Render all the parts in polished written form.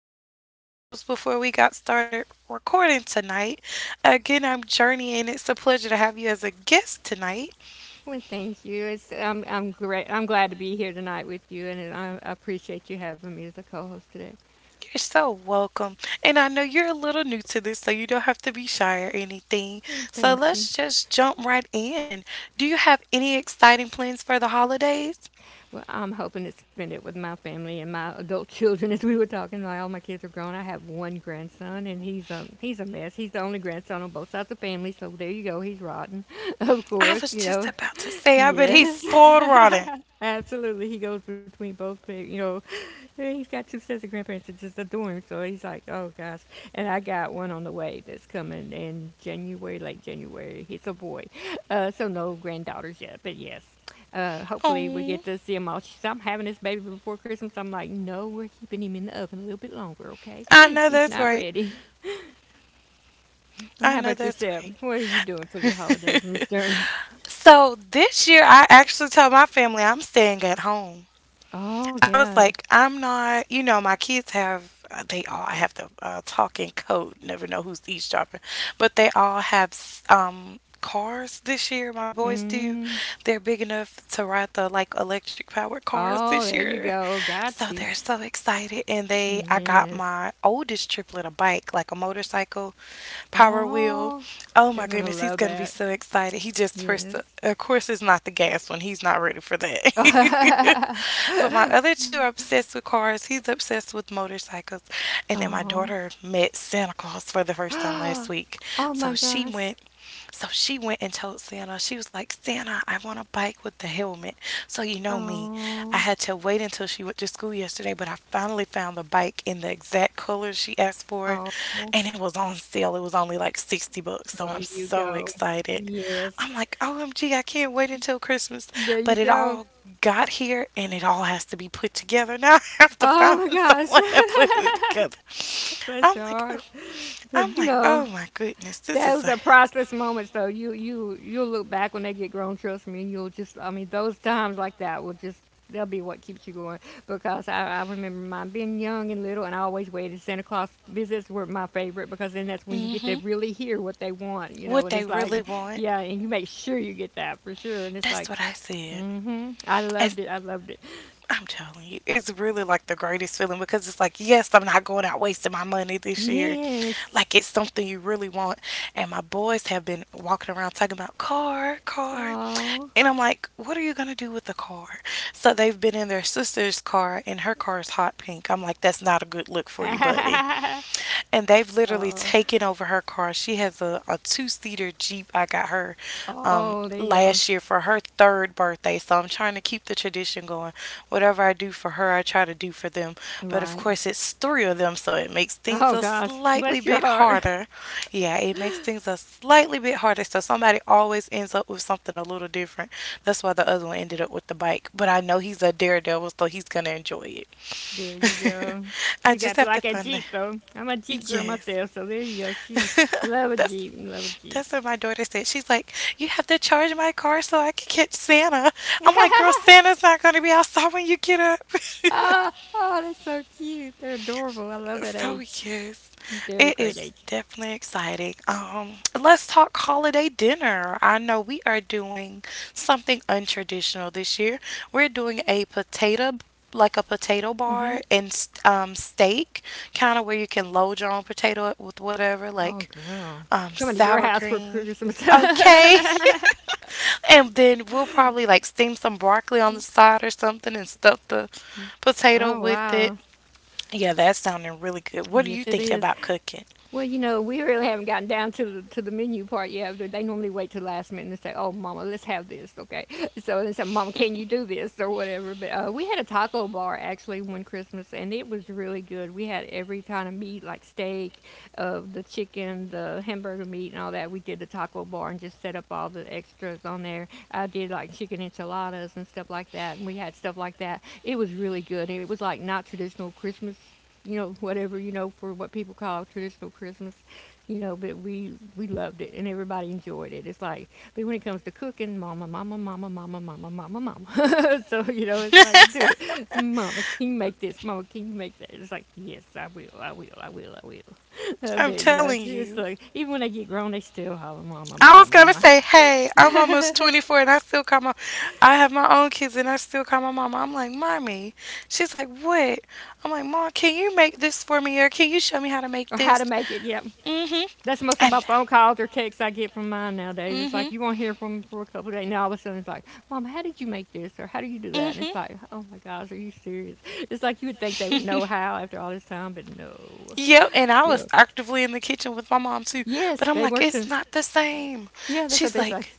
introduced ourselves before we got started recording tonight. Again, I'm Journey, and it's a pleasure to have you as a guest tonight. Well, thank you. It's I'm great. I'm glad to be here tonight with you, and I appreciate you having me as a co-host today. You're so welcome. And I know you're a little new to this, so you don't have to be shy or anything. And So thank you. let's just jump right in. Do you have any exciting plans for the holidays? Well, I'm hoping to spend it with my family and my adult children, as we were talking. Like, all my kids are grown. I have one grandson, and he's a mess. He's the only grandson on both sides of the family, so there you go. He's rotten, of I course. was You just know, about to say, I bet he's yes, spoiled rotten. absolutely. He goes between both, you know. And He's got two sets of grandparents that just adore him, so he's like, oh gosh. And I got one on the way that's coming in January, late January. He's a boy, so no granddaughters yet, but yes. Hopefully we get Oh, to see him all. She said, I'm having this baby before Christmas. I'm like, no, we're keeping him in the oven a little bit longer, okay? I know He's that's not right. ready. Well, I how know about that's yourself? What are you doing for the right. holidays, Miss Journey? So this year, I actually told my family I'm staying at home. Oh, I was God. like, I'm not, my kids have, they all I have the talking code, never know who's eavesdropping, but they all have cars this year. My boys do. They're big enough to ride the like electric powered cars Oh, this there you year. go. So Got you. they're so excited. And they, I got Yes. my oldest triplet a bike, like a motorcycle power wheel. Oh, Oh they're my gonna goodness, he's love gonna be that. so excited. He just first, Yes. of course, it's not the gas one. He's not ready for that. but my other two are obsessed with cars. He's obsessed with motorcycles. And then my Oh. daughter met Santa Claus for the first time last week. Oh So my she gosh. went. So she went and told Santa, she was like, "Santa, I want a bike with the helmet." So you know me. I Oh. had to wait until she went to school yesterday, but I finally found the bike in the exact color she asked for. Oh. Oh, And it was on sale. It was only like $60. So I'm you so go. excited. I'm Yes. like, omgi can't wait until Christmas. There you But it go. all got here and it all has to be put together. Now I have to Oh find my gosh. someone that put it together. Bless I'm your like, oh, heart. I'm But you like, oh know, my goodness, this is those a are priceless moments, though. You'll look back when they get grown. Trust me, you'll just. I mean, those times like that will just. They'll be what keeps you going because I remember mine being young and little, and I always waited. Santa Claus visits were my favorite because then that's when you get to hmm. really hear what they want, you know. What And they it's really like, want. yeah, and you make sure you get that for sure. And it's That's like, what I said. mm-hmm, I As loved it. I loved it. I'm telling you, it's really like the greatest feeling because it's like, yes, I'm not going out wasting my money this year. Yes. Like it's something you really want. And my boys have been walking around talking about car, car. Oh. And I'm like, what are you gonna do with the car? So they've been in their sister's car and her car is hot pink. I'm like, that's not a good look for you, buddy. And they've literally oh. taken over her car. She has a two seater Jeep I got her Oh, there you go. last year for her third birthday. So I'm trying to keep the tradition going. Whatever I do for her, I try to do for them. But of Right. course, it's three of them, so it makes things Oh a gosh, slightly bless your bit heart. harder. Yeah, it makes things a slightly bit harder. So somebody always ends up with something a little different. That's why the other one ended up with the bike. But I know he's a daredevil, so he's going to enjoy There you it. go. I She just got to have to like a find the. jeep though. I'm a jeep girl Yes. myself, so there you go. She love a that's jeep, and love a jeep. that's what my daughter said. She's like, "You have to charge my car so I can catch Santa." I'm like, "Girl, oh, Santa's not going to be outside when you get up." oh, that's so cute. They're adorable. I love that So age. yes, They're at a it great is age. definitely exciting. Let's talk holiday dinner. I know we are doing something untraditional this year. We're doing a potato like a potato Hmm. bar and steak, kind of where you can load your own potato with whatever, Oh like girl, coming to your sour house for cream. Christmas. Okay. oh And then we'll probably like steam some broccoli on the side or something and stuff the potato with wow. it. Yeah, that's sounding really good. What are you Yes, it thinking is. about cooking? Well, you know, we really haven't gotten down to the menu part yet. They normally wait till the last minute and say, "Oh, Mama, let's have this, okay?" So they say, "Mama, can you do this or whatever?" But we had a taco bar actually one Christmas, and it was really good. We had every kind of meat, like steak, the chicken, the hamburger meat, and all that. We did the taco bar and just set up all the extras on there. I did like chicken enchiladas and stuff like that, and we had stuff like that. It was really good. It was like not traditional Christmas, you know, whatever, you know, for what people call traditional Christmas, you know, but we loved it and everybody enjoyed it. It's like, but when it comes to cooking, mama, mama, mama, mama, mama, mama, mama. So, you know, it's like, dude, mama, can you make this? Mama, can you make that? It's like, yes, I will, I will, I will, I will. I'm But, you know, telling it's you. like, even when they get grown, they still holler, mama, I mama, was gonna mama. say, hey, I'm almost 24 and I still call my, I have my own kids and I still call my mama. I'm like, mommy. She's like, what? I'm like, mom, can you make this for me or can you show me how to make Or how to this? make it, yep. Mm-hmm. That's most of my And phone calls or texts I get from mine nowadays. It's mm-hmm. like you won't hear from me for a couple of days. Now all of a sudden it's like, Mom, how did you make this or how do you do that? And it's like, oh my gosh, are you serious? It's like you would think they would Mm-hmm. know how after all this time, but no. yep. And I You was know, actively in the kitchen with my mom too, yes, but I'm they like, were it's too. not the same. Yeah, that's what She's they say. like,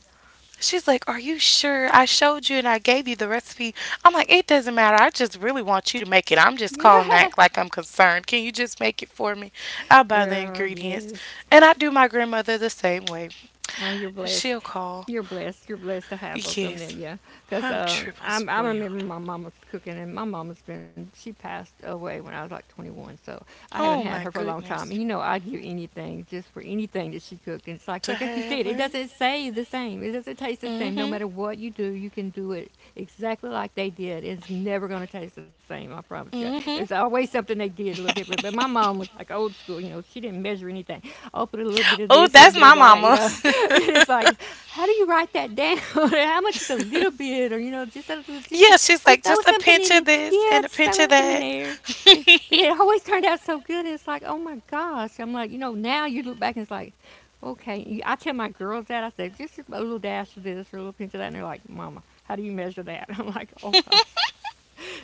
She's like, are you sure? I showed you and I gave you the recipe. I'm like, it doesn't matter. I just really want you to make it. I'm just calling Yeah, that like I'm concerned. Can you just make it for me? I'll buy the girl, ingredients. yes. And I do my grandmother the same way. Oh, you're blessed. She'll call. You're blessed. You're blessed to have both of them there, Yes, yeah. Because I'm triple I remember spoiled. my mama cooking, and my mama's been, she passed away when I was like 21, so I haven't Oh had her my for a long time. And goodness. you know, I'd give anything just for anything that she cooked. And it's like, To like you have said, it it. doesn't say the same. It doesn't taste the Mm same. No hmm. matter what you do, you can do it exactly like they did. It's never going to taste the same, I promise you. There's Mm always something they did a little hmm. different. But my mom was like old school, you know, she didn't measure anything, open a little bit of Oh, this, a little that's bit of my that, you mama. know. And it's like, how do you write that down? How much is a little bit, or you know, just a little- just Yeah, she's just like, throw just a something pinch in there. of this Yeah, and a just throw pinch it of in that. there. And but it always turned out so good. It's like, oh my gosh. I'm like, you know, now you look back and it's like, okay. You I tell my girls that I say just a little dash of this, or a little pinch of that, and they're like, Mama, how do you measure that? I'm like, oh gosh.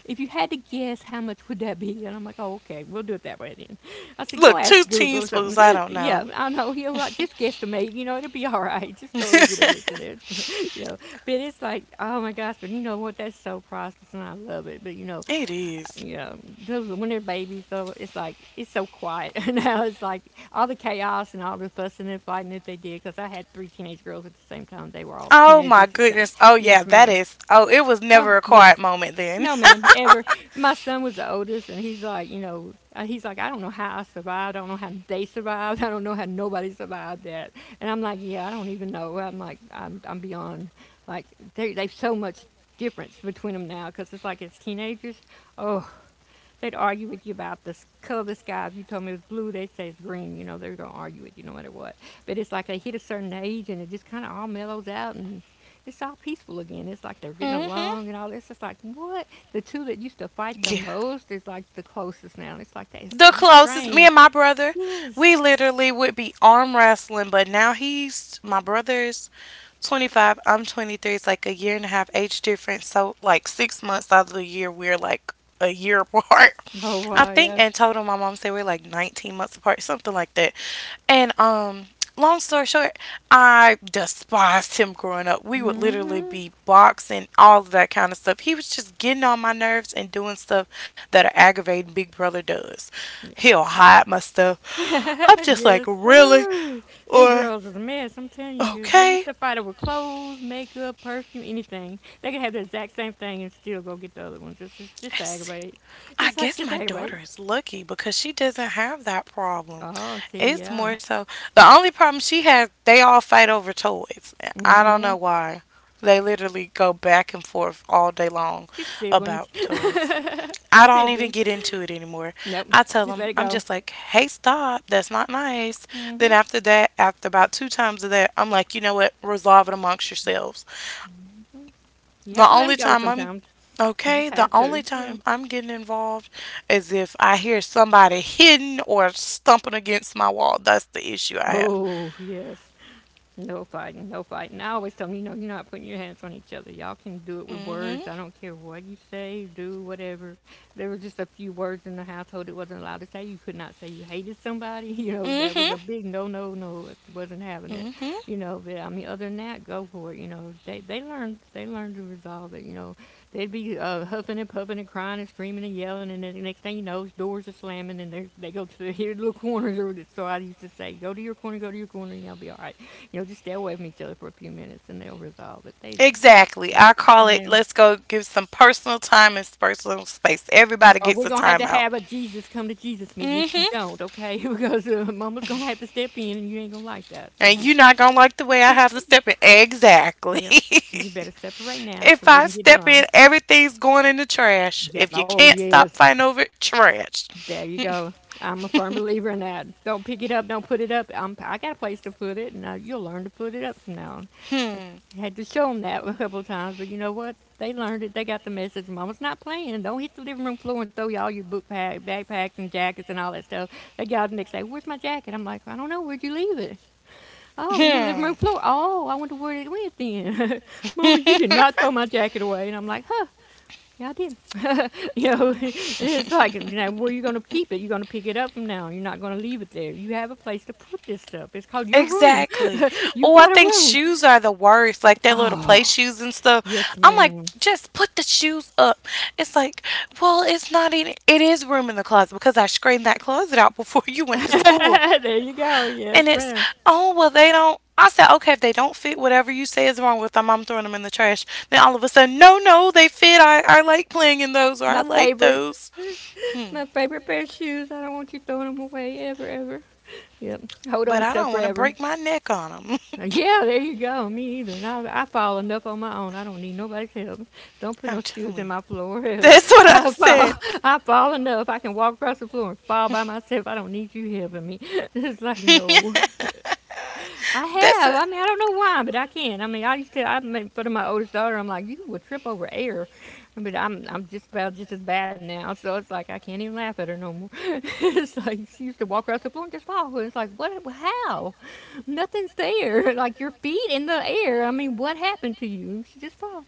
If you had to guess, how much would that be? And I'm like, oh, okay, we'll do it that way then. I said, go Look, two ask Google or teaspoons, something. I don't Yeah, know. I know. You know, like, just guesstimate. You know, it'll be all right. Just throw a little bit of this and there. You know, but it's like, oh my gosh, but you know what? That's so priceless, and I love it. But It is. you know, those when they're babies, so it's like it's so quiet now. It's like all the chaos and all the fussing and fighting that they did. Because I had three teenage girls at the same time. They were all Oh my teenagers at the same time. goodness. Oh yeah, Yes, that ma'am. is. Oh, it was Oh, never a quiet yes. moment then. No, ma'am, ever. My son was the oldest, and he's like, you know, he's like, I don't know how I survived. I don't know how they survived. I don't know how nobody survived that. And I'm like, yeah, I don't even know. I'm like, I'm beyond, like, they've so much difference between them now because it's like it's teenagers. Oh, they'd argue with you about the color of the sky. If you told me it was blue, they'd say it's green. You know, they're going to argue with you no matter what. But it's like they hit a certain age and it just kind of all mellows out and it's all peaceful again. It's like they're getting hmm. along and all this. It's like, what? The two that used to fight the Yeah. most is like the closest now. It's like that is The so closest, me strange. and my brother, Yes. we literally would be arm wrestling, but now he's my brother's 25, I'm 23. It's like a year and a half age difference. So, like, 6 months out of the year, we're like a year apart. Oh, I wow, think yeah. in total, my mom said we're like 19 months apart, something like that. And, long story short, I despised him growing up. We would literally Mm-hmm. be boxing, all of that kind of stuff. He was just getting on my nerves and doing stuff that are aggravating Big Brother does. Yeah. He'll hide my stuff. I'm just like, Yes. really? Ooh. Them Or, girls was a mess, I'm telling you, 'cause they used okay. to fight over clothes, makeup, perfume, anything. They could have the exact same thing and still go get the other ones. It's just to aggravate. I It's like guess just to my aggravate. daughter is lucky because she doesn't have that problem. Oh, see, It's yeah. more so the only problem she has, they all fight over toys. I don't Mm-hmm. know why. They literally go back and forth all day long Just siblings. about toys. I don't even Siblings. get into it anymore. Nope. I tell Just them, let it I'm go. just like, hey, stop. That's not nice. Then Mm-hmm. after that, after about two times of that, I'm like, you know what? Resolve it amongst yourselves. You have The to let them only go time I'm sometimes. You just okay, the have to. only Yeah. time I'm getting involved is if I hear somebody hitting or stumping against my wall. That's the issue I have. Oh, yes. No fighting, no fighting. I always tell them, you know, you're not putting your hands on each other. Y'all can do it with Mhm. words. I don't care what you say, do whatever. There was just a few words in the household it wasn't allowed to say. You could not say you hated somebody. You know, that Mhm. was a big no, no, no. It wasn't having it. Mhm. You know, but I mean, other than that, go for it. You know, they learned to resolve it. You know, they'd be huffing and puffing and crying and screaming and yelling, and then the next thing you know, doors are slamming and they go to their little corners. Or so I used to say, go to your corner, go to your corner, and y'all be all right. You'll just stay away from each other for a few minutes and they'll resolve it. Exactly. I call it They let's go give some personal time and personal space. Everybody or we're gets a gonna have to timeout. have a Jesus come to Jesus meeting if you Mhm. don't, okay? Because Mama's gonna have to step in and you ain't gonna like that. So And you're just, not going to like the way I just, have to step in. Exactly. yeah, you better separate now if so we I can get step in, along. everything's going in the trash. Yep. If you Oh can't stop yes, fighting over it, trash. there you go. I'm a firm believer in that. Don't pick it up. Don't put it up. I got a place to put it, and you'll learn to put it up from now on. Hmm. I had to show them that a couple of times, but you know what? They learned it. They got the message. Mama's not playing. Don't hit the living room floor and throw y'all your book pack, backpacks and jackets and all that stuff. They got out the next day. Where's my jacket? I'm like, I don't know. Where'd you leave it? Oh, in the living room Hmm. floor. Oh, I wonder where it went then. Mama, you did not throw my jacket away. And I'm like, huh? Yeah, I did. It's like, where are you going to keep it? You're going to pick it up from now. You're not going to leave it there. You have a place to put this stuff. It's called your room. Exactly. You Oh, I got a think room. shoes are the worst. Like their little play Oh. shoes and stuff. Yes, I'm like, ma'am. just put the shoes up. It's like, well, it's not even. It is room in the closet because I screened that closet out before you went to school. There you go. And Yes, it's, ma'am. oh well, they don't. I said, okay, if they don't fit whatever you say is wrong with them, I'm throwing them in the trash. Then all of a sudden, no, no, they fit. I like playing in those or I My like favorite, those. Hmm. my favorite pair of shoes. I don't want you throwing them away ever, ever. Yep. Hold on But to I stuff don't want to forever. break my neck on them. Yeah, there you go. Me either. And I fall enough on my own. I don't need nobody's help. Don't put no I'm shoes telling in you. my floor. That's what I I fall. said. I fall enough. I can walk across the floor and fall by myself. I don't need you helping me. It's like no. I That's a, have. I mean, I don't know why, but I can. I mean, I used to. I made fun of my oldest daughter. I'm like, you would trip over air, but I'm just about just as bad now. So it's like I can't even laugh at her no more. It's like she used to walk across the floor and just fall. It's like what? How? Nothing's there. Like your feet in the air. I mean, what happened to you? She just fell.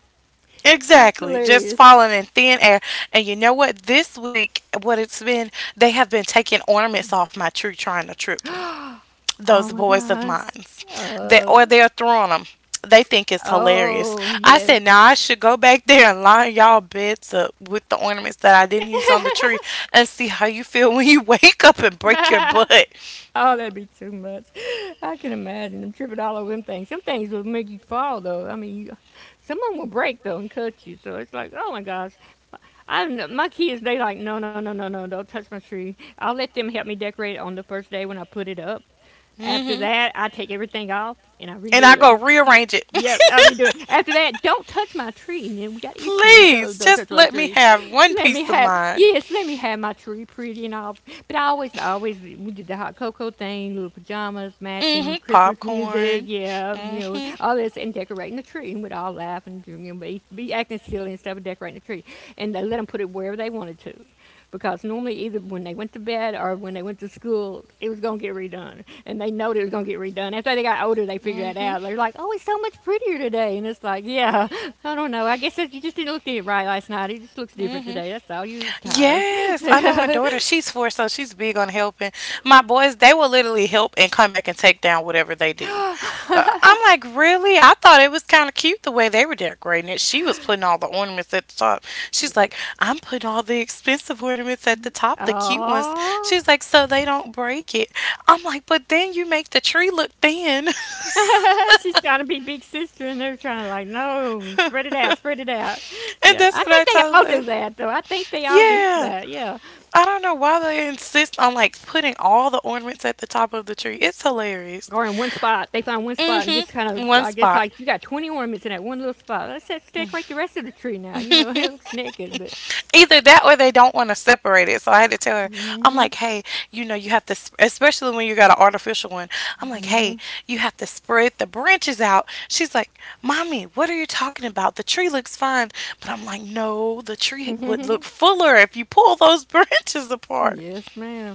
She was exactly. Just hilarious. falling in thin air. And you know what? This week, what it's been, they have been taking ornaments off my tree trying to trip me. Oh Those my boys of gosh. mine, that Uh, or they're throwing them, they think it's hilarious. oh I yes. said now I should go back there and line y'all beds up with the ornaments that I didn't use on the tree and see how you feel when you wake up and break your butt. Oh, that'd be too much. I can imagine them tripping all over them things. Some things will make you fall, though. Some of them will break though and cut you. So it's like, oh my gosh. I my kids, they like, no, no, no, no, no, don't touch my tree. I'll let them help me decorate it on the first day when I put it up. After Hmm. that, I take everything off and I And I redo go it. rearrange it. Yep, I'll redo it. After that, don't touch my tree. And then we got issues. Don't, please don't touch just my let me tree. have one Let me piece of have, mind. yes, let me have my tree pretty and all. But we did the hot cocoa thing, little pajamas, matching Hmm. Christmas music, Popcorn. yeah, Hmm. all this, and decorating the tree. And we'd all laugh and be acting silly and stuff and decorating the tree. And they let them put it wherever they wanted to, because normally either when they went to bed or when they went to school, it was going to get redone. And they know it was going to get redone. After they got older, they figured that Hmm. out. They're like, oh, it's so much prettier today. And it's like, yeah, I don't know. I guess that you just didn't look at it right last night. It just looks different Hmm. today. That's all. You're tired. Yes, I know my daughter. She's four, so she's big on helping. My boys, they will literally help and come back and take down whatever they do. I'm like, really? I thought it was kind of cute the way they were decorating it. She was putting all the ornaments at the top. She's like, I'm putting all the expensive ornaments at the top, the cute ones. Aww. She's like, so they don't break it. I'm like, but then you make the tree look thin. She's trying to be big sister, and they're trying to like, no, and spread it out, spread it out. Yeah, that's I what I think they told all her. do that, though. I think they all do Yeah. that. Yeah. I don't know why they insist on like putting all the ornaments at the top of the tree. It's hilarious. Or in one spot. They find one spot and just kind Mm-hmm. of, One I guess, spot. like you got 20 ornaments in that one little spot. Let's just decorate the rest of the tree now. It looks naked, but. Either that or they don't want to separate it. So I had to tell her, Mm hmm. I'm like, hey, you know, you have to, especially when you got an artificial one, I'm like, Mm hmm. hey, you have to spread the branches out. She's like, mommy, what are you talking about? The tree looks fine. But I'm like, no, the tree Mm would look hmm. fuller if you pull those branches apart. Yes, ma'am.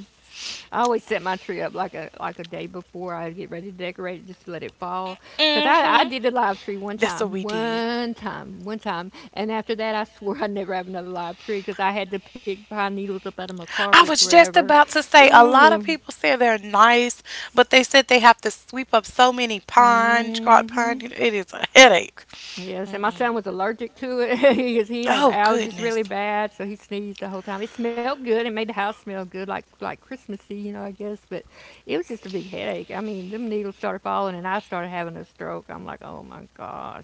I always set my tree up like a day before I get ready to decorate it, just to let it fall. Cause I Mm-hmm. did the live tree That's what we did. One time, and after that I swore I'd never have another live tree because I had to pick pine needles up out of my carpet I was just forever. about to say a lot Ooh. of people say they're nice, but they said they have to sweep up so many pines, Mm drop hmm. pine. It is a headache. Yes, and my Mm-mm. son was allergic to it because he had Oh, allergies goodness. really bad, so he sneezed the whole time. It smelled good; it made the house smell good, like Christmassy, I guess. But it was just a big headache. I mean, them needles started falling, and I started having a stroke. I'm like, oh my gosh,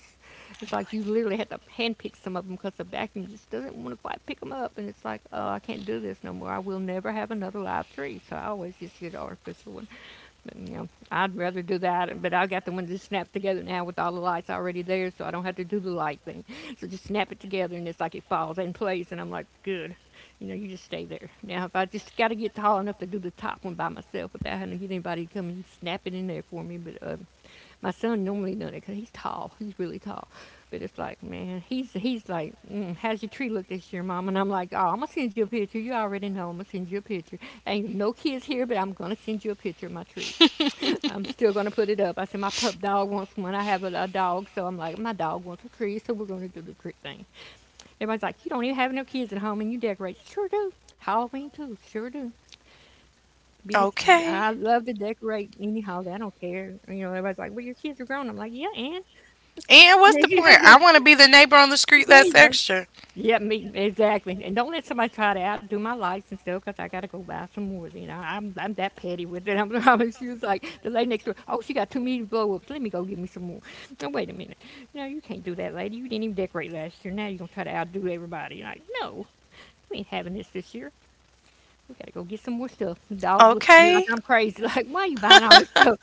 it's like you literally had to handpick some of them because the vacuum just doesn't want to quite pick them up, and it's like, oh, I can't do this no more. I will never have another live tree, so I always just get an artificial one. And, I'd rather do that, but I got the window snapped together now with all the lights already there, so I don't have to do the light thing. So just snap it together, and it's like it falls in place, and I'm like, good. You know, you just stay there. Now, if I just got to get tall enough to do the top one by myself without having to get anybody to come and snap it in there for me, but my son normally does it because he's tall. He's really tall. But it's like, man, he's like, mm, how's your tree look this year, mom? And I'm like, oh, I'm gonna send you a picture. You already know I'm gonna send you a picture. Ain't no kids here, but I'm gonna send you a picture of my tree. I'm still gonna put it up. I said my pup dog wants one. I have a dog, so I'm like, my dog wants a tree, so we're gonna do the tree thing. Everybody's like, you don't even have no kids at home, and you decorate. Sure do. Halloween too. Sure do. Biggest, Okay. I love to decorate any holiday. I don't care. You know, everybody's like, well, your kids are grown. I'm like, yeah, and And what's the point? I want to be the neighbor on the street there that's you go. extra. Yeah, me exactly. And don't let somebody try to outdo my license though, 'cause I gotta go buy some more. You know, I'm that petty with it. I'm she was like the lady next door. Oh, she got too many blow ups. Let me go get me some more. No, wait a minute. No, you can't do that, lady. You didn't even decorate last year. Now you're gonna try to outdo everybody. You're like, no, we ain't having this year. "We gotta go get some more stuff." The dog looked at me like Okay. I'm crazy, like, "Why you buying all this stuff?"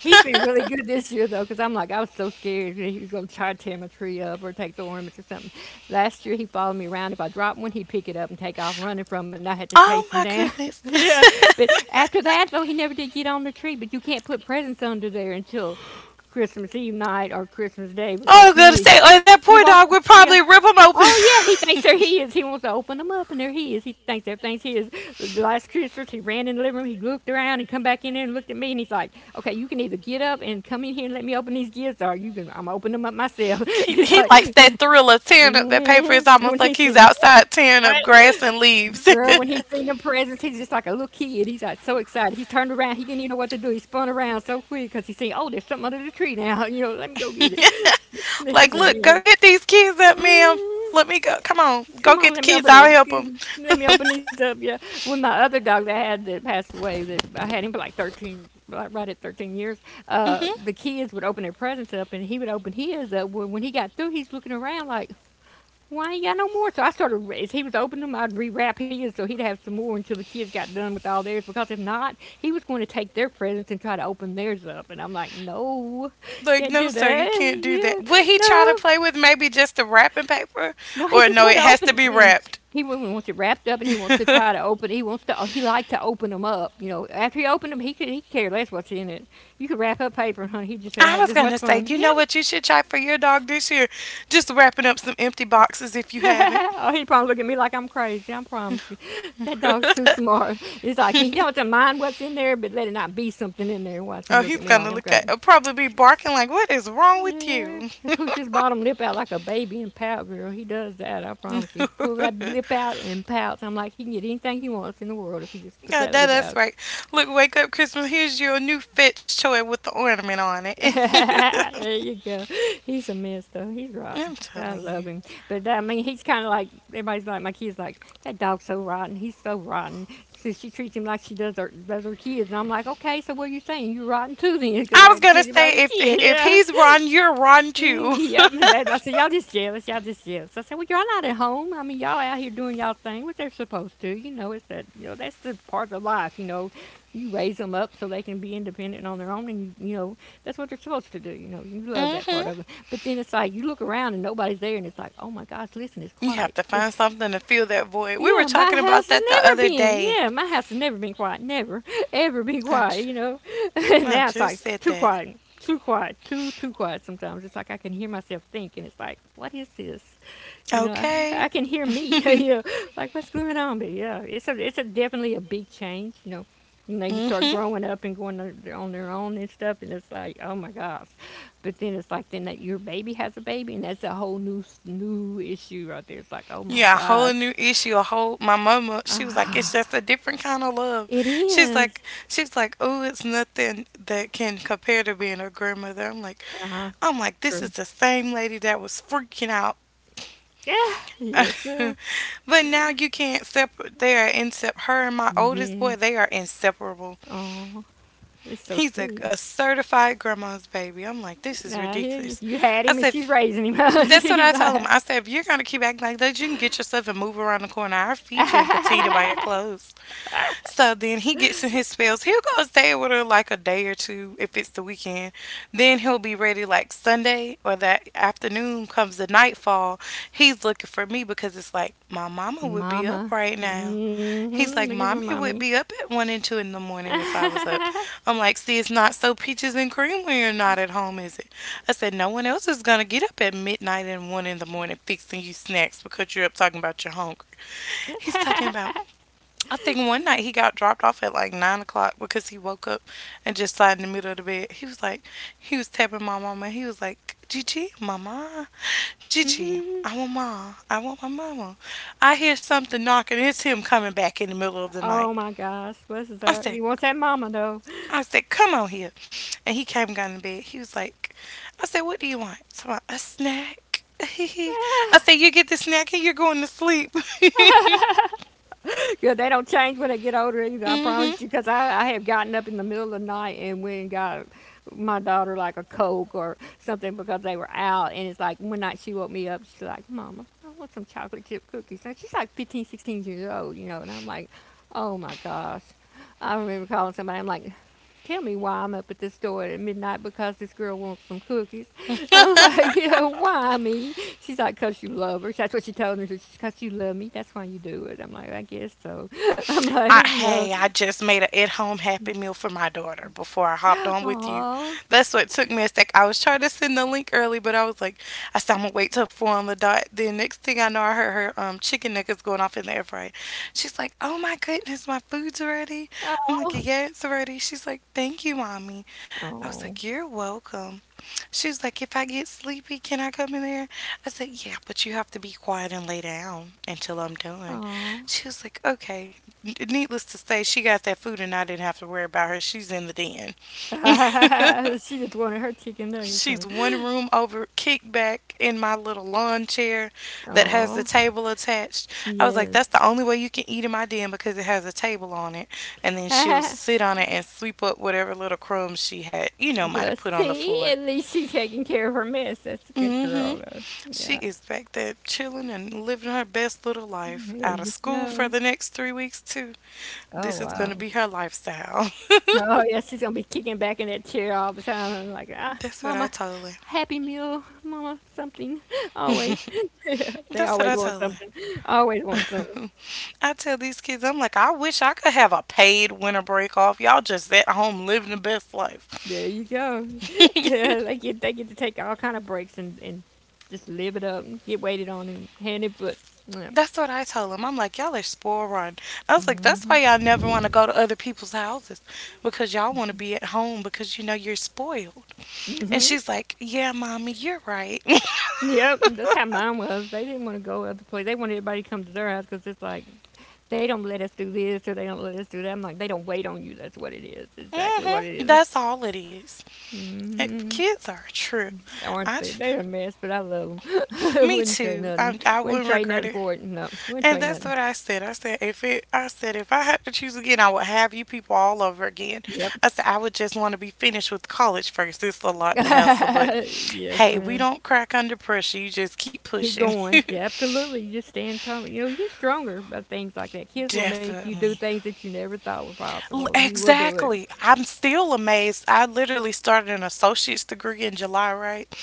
He's been really good this year though, 'cause I'm like, I was so scared that he was gonna try to tear my tree up or take the ornaments or something. Last year he followed me around. If I dropped one, he'd pick it up and take off running from it, and I had to chase Oh, him my down. goodness. Yeah, but after that though, he never did get on the tree. But you can't put presents under there until Christmas Eve night or Christmas Day Oh, because I was gonna say at that he point, wants, dog would yeah. probably rip them open. Oh yeah, he thinks they're he his. He wants to open them up, and they're his. He thinks everything's his. The last Christmas, he ran in the living room. He looked around. He come back in there and looked at me, and he's like, "Okay, you can either get up and come in here and let me open these gifts, or you can. I'm gonna open them up myself." he, he's he like, likes that thrill of tearing up that paper. It's and when almost he like seen he's outside tearing up right, grass and leaves. girl, when he seen them presents, he's just like a little kid. He's like so excited. He turned around. He didn't even know what to do. He spun around so quick because he seen, oh, there's something under the tree now. You know, let me go get it. Like, He's a look, go mess. get these kids up, ma'am. Let me go. Come on, go Come on, get the let me kids. open I'll it. help them. G- Let me open these up. Yeah, when my other dog that I had that passed away, that I had him for like thirteen, right at 13 years. Hmm. The kids would open their presents up, and he would open his up. When he got through, he's looking around like, "Why ain't got no more?" So I started as he was opening them, I'd rewrap his so he'd have some more until the kids got done with all theirs. Because if not, he was going to take their presents and try to open theirs up, and I'm like, "No, Like, can't no, do sir, you that. can't do that. Yeah, Would he try to no." play with maybe just the wrapping paper? No, he Or just no, want it to has to open. be Mm. wrapped. He wants it wrapped up, and he wants to try to open. He wants to. Oh, He likes to open them up. You know, after he opened them, he could. He could care less what's in it. You could wrap up paper, honey. He just I have was just gonna much say, fun. you know Yep. what you should try for your dog this year? Just wrapping up some empty boxes if you haven't. Oh, he probably look at me like I'm crazy. I promise you, that dog's too smart. It's like he doesn't mind what's in there, but let it not be something in there. Watch him Oh, look he's at me like gonna I'm look at crazy. Probably be barking like, what is wrong with Yeah, you? he pulls his bottom lip out like a baby and pout, girl. He does that, I promise you. He pulls that lip out and pouts. I'm like, he can get anything he wants in the world if he just puts Yeah, that that, lip out. that's right. Look, wake up Christmas, here's your new fetch toy with the ornament on it. There you go. He's a mess, though. He's rotten. I'm I telling love you. him. But, I mean, he's kind of like, everybody's like, my kid's like, that dog's so rotten. He's so rotten. So she treats him like she does her kids. And I'm like, okay, so what are you saying? You're rotten too, then, because I I was gonna treat him like a say if kid, if yeah. he's Ron, you're Ron Mm, too. yeah, and that, I said, y'all just jealous. Y'all just jealous. I said, well, y'all not at home. I mean, y'all out here doing y'all thing, which they're supposed to. You know, it's that, that's the part of life. You know, you raise them up so they can be independent on their own, and you know, that's what they're supposed to do. You know, you love that Hmm. part of it. But then it's like you look around and nobody's there, and it's like, oh my gosh, listen, it's You have quiet. to find something to fill that void. We were talking about that the other day. Yeah, my house has never been quiet. Never, ever been I, ju- quiet, you know? And I now it's just like said too that. quiet, too quiet, too quiet sometimes. It's like I can hear myself thinking. It's like, what is this? You know, Okay. I can hear me. You know, like, what's going on? But yeah, it's a definitely a big change, you know? And they start Hmm. growing up and going on own and stuff, and it's like, oh my gosh! But then it's like, then that your baby has a baby, and that's a whole new issue right there. It's like, oh my Yeah, a whole gosh, new issue. A whole My mama. She was like, it's just a different kind of love. it She's is. like, she's like, oh, it's nothing that can compare to being a grandmother. I'm like, Uh-huh. I'm like, this is True. the same lady that was freaking out. Yeah. Yes, ma'am. But now you can't separate. They are insep. Her and my oldest boy, Yes. they are inseparable. Oh, it's so He's a, sweet. a certified grandma's baby. I'm like, this is Nah, I hear you. ridiculous. You had I him and said, she's raising him. that's what She's I told him. like, I said, if you're gonna keep acting like that, you can get yourself and move around the corner. I'll feed you and continue to buy your clothes. So then he gets in his spells. He'll go stay with her like a day or two if it's the weekend. Then he'll be ready like Sunday or that afternoon comes the nightfall. He's looking for me because it's like my mama would be up Mama. right now. Mm-hmm. He's like, Looking for Mommy mommy. would be up at 1 and 2 in the morning if I was up. I'm like, see, it's not so peaches and cream when you're not at home, is it? I said, no one else is gonna get up at midnight and 1 in the morning fixing you snacks because you're up talking about you're hungry. He's talking about I think one night he got dropped off at like 9 o'clock because he woke up and just sat in the middle of the bed. He was tapping my mama. He was like, Gigi, mama, Mm Gigi, hmm I want my mama. I hear something knocking. It's him coming back in the middle of the Oh night. my gosh. What's his I up? said, He wants that mama though. I said, come on here. And he came down in bed. He was like, I said, what do you want? So I, a snack. I said, you get the snack and you're going to sleep. Yeah, they don't change when I get older either. I Hmm. promise you, because I have gotten up in the middle of the night and went and got my daughter like a Coke or something because they were out. And it's like one night she woke me up. She's like, "Mama, I want some chocolate chip cookies." And she's like 15, 16 years old, you know. And I'm like, "Oh my gosh!" I remember calling somebody. I'm like, "Tell me why I'm up at this store at midnight because this girl wants some cookies." I'm like, yeah, why me? She's like, because you love her. That's what she told me. She's because you love me. That's why you do it. I'm like, I guess so. I'm like, you know, Hey, I just made an at home happy meal for my daughter before I hopped on with you. aw, That's what took me a sec. I was trying to send the link early, but I was like, I said, I'm going to wait till 4 on the dot. Then next thing I know, I heard her chicken nuggets going off in the air fryer. She's like, oh my goodness, my food's ready. I'm like, oh, yeah, it's ready. She's like, thank you, mommy. I was oh, like, you're welcome. She was like, if I get sleepy, can I come in there? I said, yeah, but you have to be quiet and lay down until I'm done. oh. She was like, okay. Needless to say, she got that food and I didn't have to worry about her. She's in the den. She just wanted her chicken nuggets, She's huh? one room over, kicked back in my little lawn chair that has the Oh, table attached. I was like, yes. that's the only way you can eat in my den because it has a table on it. And then she'll sit on it and sweep up whatever little crumbs she had, might Well, have put on the see, floor. at least she's taking care of her mess. That's a good Mm-hmm. girl, though. She Yeah. is back there chilling and living her best little life. There Out of you school for go. the next 3 weeks too. Oh, This is gonna wow. be her lifestyle. Oh yeah, she's gonna be kicking back in that chair all the time and like, ah, That's what I mama, told her. happy meal, mama, something. Always. Yeah, they That's what always I want told her. something. Always want something. I tell these kids, I'm like, I wish I could have a paid winter break off. Y'all just at home living the best life. There you go. Yeah, they get they get to take all kind of breaks, and just live it up and get waited on and hand and foot. Yeah. That's what I told them. I'm like, y'all are spoiled rotten. I was like, that's why y'all never want to go to other people's houses because y'all want to be at home because you know you're spoiled. And Hmm. she's like, yeah, mommy, you're right. Yep, that's how mine was. They didn't want to go other place. They wanted everybody to come to their house because it's like they don't let us do this or they don't let us do that. I'm like, they don't wait on you. That's what it is. Exactly Hmm. what it is. That's all it is. Eh, Mhm. kids are a trip. Aren't I they? just, They're a mess, but I love them. Me Wouldn't say too. nothing. I Wouldn't wouldn't trade regret nothing it. for it. No, wouldn't And trade that's nothing. what I said. I said if I had to choose again, I would have you people all over again. Yep. I said I would just want to be finished with college first. It's a lot to hassle, but Yes, hey, we ma'am. don't crack under pressure. You just keep Keep pushing. going. Yeah, absolutely. You just stand tall. You know, you get stronger by things like that. Kids will make you do Definitely. things that you never thought were possible, and you will do it. Exactly. I'm still amazed. I literally started an associate's degree in July, right?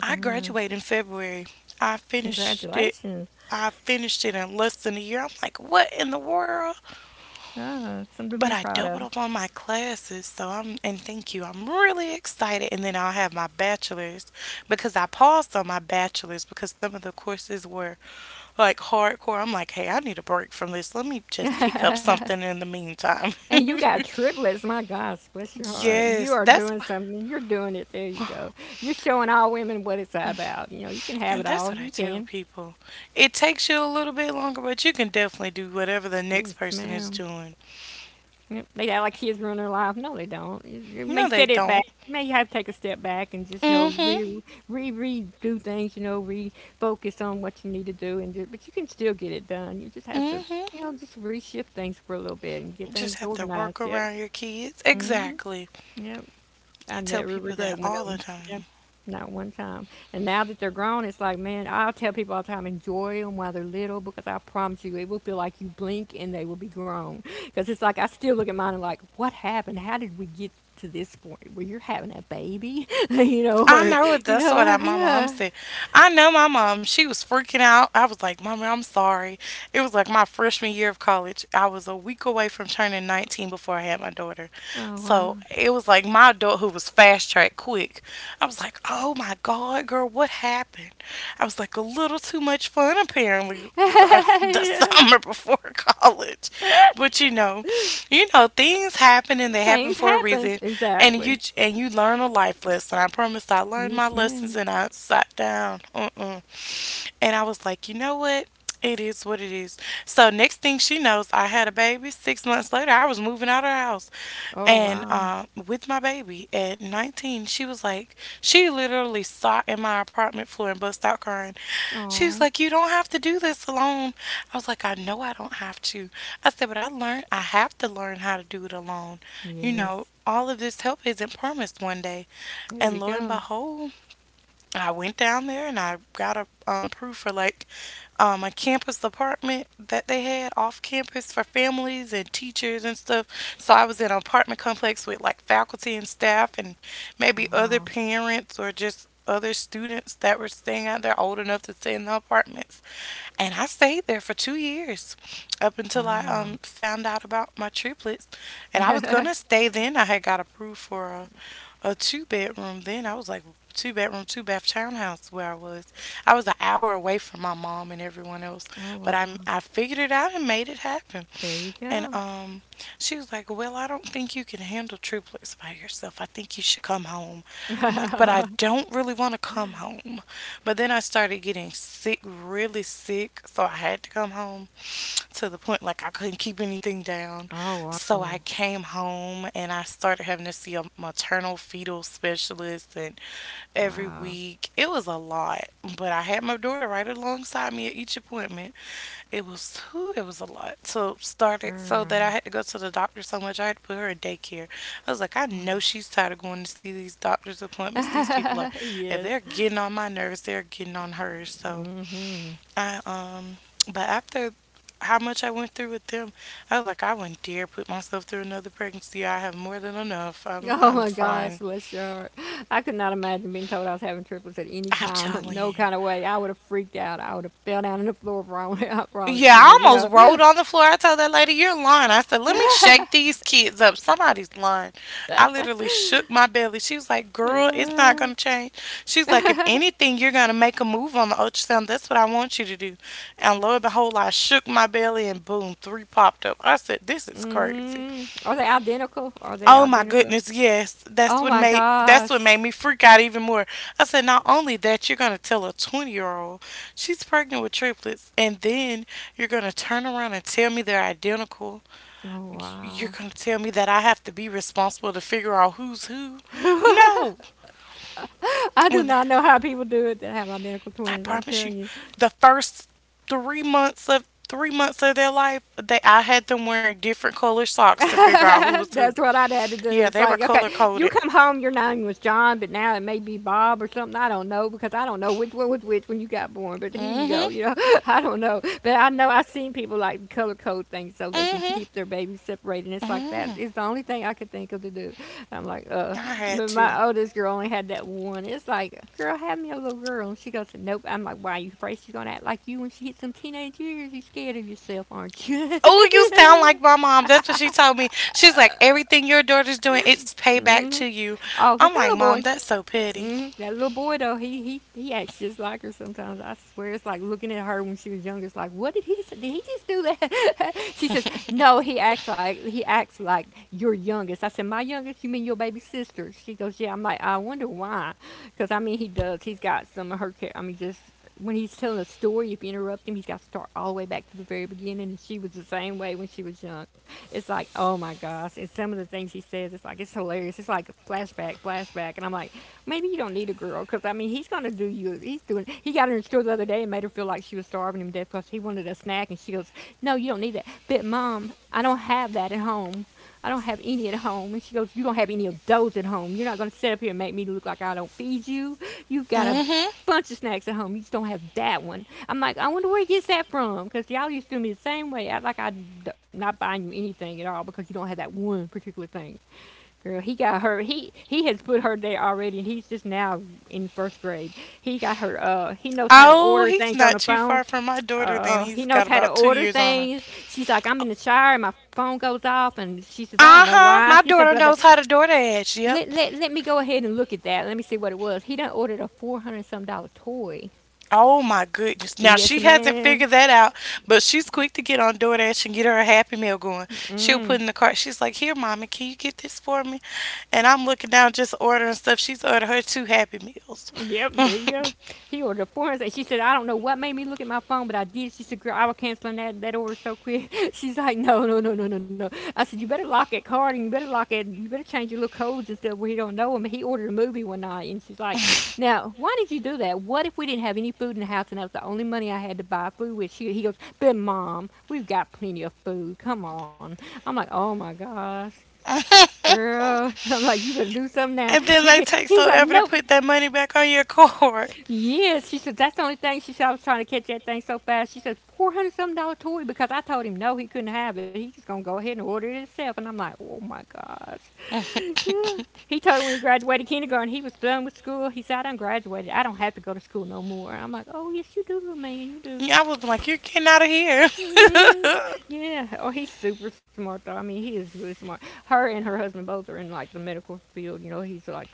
I Uh, graduated in February. I finished it. Congratulations. I finished it in less than a year. I'm like, what in the world? Ah, something to be But I proud of. doubled up on my classes, so I'm and thank you. I'm really excited. And then I'll have my bachelor's because I paused on my bachelor's because some of the courses were like hardcore. I'm like, hey, I need a break from this. Let me just pick up something in the meantime. And you got triplets. My God, bless your heart. You Yes, are that's doing why, something. You're doing it. There you go. You're showing all women what it's about. You know, you can have it and that's all. what I You tell can. people. It takes you a little bit longer, but you can definitely do whatever the next Yes, person is ma'am. doing. Yep. They act like kids ruin their life. No, they don't. You No, may they set it don't. back. You may have to take a step back and just, you know, Mhm. redo things, you know, refocus on what you need to do. But you can still get it done. You just have to, Mhm. you know, just reshift things for a little bit and get Just things have to organized. work Yep. around your kids. Exactly. Yep. I I tell never people regret that one all of the them. Yep. time. Not one time. And now that they're grown, it's like, man, I'll tell people all the time, enjoy them while they're little because I promise you, it will feel like you blink and they will be grown. Because it's like, I still look at mine and like, what happened? How did we get to this point where you're having a baby? You know, I or, know it. you That's what know, my mom yeah. said. I know my mom. She was freaking out. I was like, Mommy, I'm sorry. It was like my freshman year of college. I was a week away from turning 19 before I had my daughter. Oh, wow. So it was like my adulthood was fast track quick. I was like, oh my God, girl, what happened? I was like, a little too much fun, apparently, gr- the Yeah. summer before college. But you know, things happen and they happen Things for a happen. reason. And Exactly. you and you learn a life lesson. I promise I learned my Yes, lessons ma'am. and I sat down. Mm-mm. And I was like, you know what? It is what it is. So next thing she knows, I had a baby. 6 months later, I was moving out of her house, Oh, and wow. With my baby at 19, she literally sat in my apartment floor and bust out crying. She was Oh, like, "You don't have to do this alone." I was like, "I know I don't have to." I said, "But I learned I have to learn how to do it alone." You yes. know, all of this help isn't promised one day, There you and lo and go. behold I went down there and I got a proof for like a campus apartment that they had off campus for families and teachers and stuff. So I was in an apartment complex with like faculty and staff and maybe other Wow. parents or just other students that were staying out there old enough to stay in the apartments. And I stayed there for 2 years up until I Wow. Found out about my triplets. And I was going Oh to stay then. I had got approved for a two bedroom then. I was like, two bedroom, two bath townhouse where I was. I was an hour away from my mom and everyone else, but wow. I figured it out and made it happen. There you And go. She was like, "Well, I don't think you can handle triplets by yourself. I think you should come home." I'm like, "But I don't really want to come home." But then I started getting sick, really sick, so I had to come home to the point like I couldn't keep anything down. Oh So wow. I came home and I started having to see a maternal fetal specialist and every Wow. week. It was a lot, but I had my daughter right alongside me at each appointment. It was whew, it was a lot. So started Girl. so that I had to go to the doctor so much I had to put her in daycare. I was like, I know she's tired of going to see these doctor's appointments. These people are, if Yes. they're getting on my nerves, they're getting on hers. So I But after how much I went through with them, I was like, I wouldn't dare put myself through another pregnancy. I have more than enough. I'm Oh I'm my gosh, fine. bless your heart. I could not imagine being told I was having triplets at any I'm time, telling no you. kind of way. I would have freaked out. I would have fell down on the floor, wrong, I promise Yeah, you. I But you almost know, rolled on the floor. I told that lady, "You're lying." I said, "Let me shake these kids up. Somebody's lying." I literally shook my belly. She was like, "Girl, it's not uh, going to change." She's like, "If anything, you're going to make a move on the ultrasound. That's what I want you to do." And lo and behold, I shook my belly and boom, three popped up. I said, "This is crazy." Are they identical? Are they Oh my identical? goodness, yes. That's Oh what my made that's what made gosh. me freak out even more. I said, not only that, you're gonna tell a 20-year old she's pregnant with triplets, and then you're gonna turn around and tell me they're identical. Oh You're wow. gonna tell me that I have to be responsible to figure out who's who. No, I do when not know how people do it that have identical I twins. I'm promise you, telling you. the first three months of their life, they I had them wearing different color socks to figure out who was who. That's what I'd had to do. Yeah, It's they were like, okay, color you coded. come home, your name was John, but now it may be Bob or something. I don't know because I don't know which one was which when you got born. But here Mm, you mhm. go, you know, I don't know. But I know I've seen people like color code things so Mm, they can mhm. keep their babies separated. And it's like that Mm, is the only thing I could think of to do. I'm like, I had to. my oldest girl only had that one. It's like, girl, have me a little girl. And she goes, nope. I'm like, why? Are you afraid she's going to act like you when she hits some teenage years? You scared of yourself, aren't you? Oh, you sound like my mom. That's what she told me. She's like, everything your daughter's doing, it's payback Hmm. to you. Oh, I'm está like, lo. Mom, that's so petty. Hmm. That little boy though, he acts just like her sometimes. I swear, it's like looking at her when she was younger. It's like, what did he just? Did he just do that? She says, no, he acts like your youngest. I said, my youngest? You mean your baby sister? She goes, yeah. I'm like, I wonder why, because I mean, he does. He's got some of her. I mean, just when he's telling a story, if you interrupt him, he's got to start all the way back to the very beginning. And she was the same way when she was young. It's like, oh my gosh. And some of the things he says, it's like, it's hilarious. It's like a flashback, flashback. And I'm like, maybe you don't need a girl because I mean he's gonna do you. He's doing. He got her in the store the other day and made her feel like she was starving him to death because he wanted a snack and she goes, "No, you don't need that." But mom, I don't have that at home. I don't have any at home. And she goes, "You don't have any of those at home. You're not gonna sit up here and make me look like I don't feed you. You've got a Mm-hmm. bunch of snacks at home. You just don't have that one." I'm like, I wonder where he gets that from because y'all used to do me the same way. Act like I'm not buying you anything at all because you don't have that one particular thing. Girl, he got her. He has put her there already, and he's just now in first grade. He got her. He knows how to Oh, order he's things on not the too phone. far from my daughter then. He He's knows got how to about two order years on her. things. She's like, I'm in the shower, and my phone goes off, and she says, I don't know Uh-huh. why. She My says, blah, daughter blah. knows how to door dash. Yep. Let me go ahead and look at that. Let me see what it was. He done ordered a 400 some dollar toy. Oh my goodness. Now Yes, she hasn't ma'am. figured that out, but she's quick to get on DoorDash and get her a Happy Meal going. She'll Mm. put in the cart. She's like, "Here, mommy, can you get this for me?" And I'm looking down just ordering stuff. She's ordered her two Happy Meals. Yep, there you go. And He ordered a 400. She said, I don't know what made me look at my phone, but I did. She said, girl, I was canceling that order so quick. She's like, no, no, no, no, no, no. I said, you better lock that card and you better lock it. You better change your little codes and stuff where he don't know them. He ordered a movie one night and she's like, now, why did you do that? What if we didn't have any food in the house and that was the only money I had to buy food with? He goes, but mom, we've got plenty of food. Come on. I'm like, oh my gosh, girl. I'm like, you better do something now. then He they take so he's like, ever to nope. put that money back on your card. Yes, she said. That's the only thing she said. I was trying to catch that thing so fast. She says 400 something dollar toy because I told him no, he couldn't have it. He's just gonna go ahead and order it himself. And I'm like, oh my gosh. I Yeah. He told me when he graduated kindergarten, he was done with school. He said, I done graduated. I don't have to go to school no more. And I'm like, oh yes, you do, little man, you do. was like, "You're getting out of here." Mhm. Yeah. Oh, he's super smart though. I mean, he is really smart. Her and her husband both are in like the medical field. You know, he's like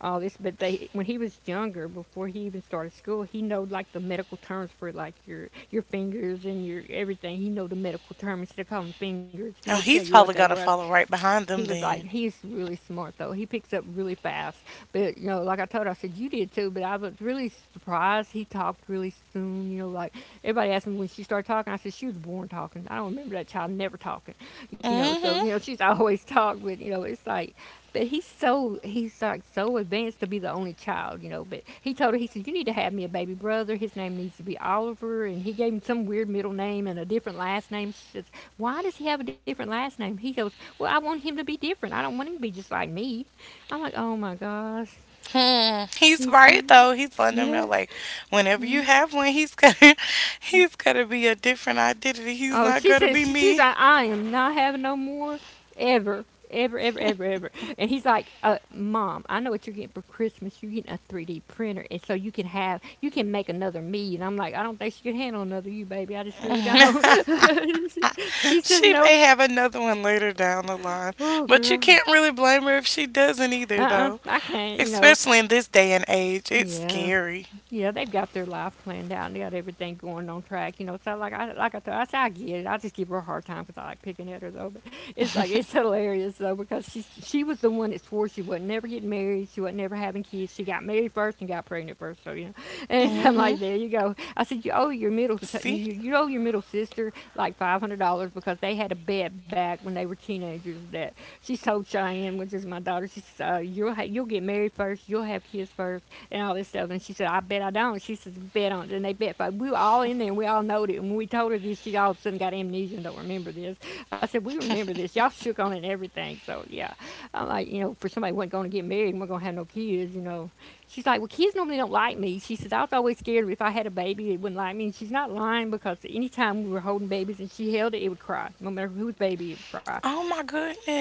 all this. But they, when he was younger, before he even started school, he know like the medical terms for like your fingers and your everything. He know the medical terms instead call them fingers. He would Now tell you he's what they probably going to was. follow right behind them then. He's really smart though. He picks up really fast. But you know, like I told her, I said you did too. But I was really surprised he talked really soon. You know, like everybody asked me when she started talking. I said she was born talking. I don't remember that child never talking. You know, so you know Mm-hmm. she's always talked, but you know it's like, but he's like so advanced to be the only child, you know. But he told her he said you need to have me a baby brother. His name needs to be Oliver, and he gave him some weird middle name and a different last name. She says, why does he have a different last name? He goes, well, I want him to be different. I don't want him to be just like me. I'm like, oh my gosh. Hmm, he's He said, right though. He's letting them know yeah. like whenever you have one, he's gonna he's gonna be a different identity. He's Oh, not she gonna says be she's me. like, I am not having no more, ever, ever, ever, ever, ever. And he's like, Mom, I know what you're getting for Christmas. You're getting a 3D printer, and so you can make another me. And I'm like, I don't think she can handle another you, baby. I just really don't. she she says, She nope. may have another one later down the line, Oh, but you girl. can't really blame her if she doesn't either Uh-uh, though. I can't, you know. Especially in this day and age, it's Yeah. scary. Yeah, they've got their life planned out, and they got everything going on track, you know. So I get it. I just give her a hard time because I like picking at her though. But it's like, it's hilarious though, because she was the one that swore she would never get married. She would never having kids. She got married first and got pregnant first. So you know, and I'm like, Mhm. there you go. I said you owe your middle si-, you, See? you owe your middle sister like $500 because they had a bet back when they were teenagers that she told Cheyenne, which is my daughter. She said, you'll get married first, you'll have kids first, and all this stuff. And she said, I bet I don't. She says, bet on it. And they bet. But we were all in there and we all knowed it. And when we told her this, she all of a sudden got amnesia and don't remember this. I said, we remember this. Y'all shook on it and everything. So, yeah. I'm like, you know, for somebody who wasn't going to get married and we're going to have no kids, you know. She's like, well, kids normally don't like me. She says, I was always scared if I had a baby, it wouldn't like me. And she's not lying because any time we were holding babies and she held it, it would cry. No matter whose baby, it would cry. Oh my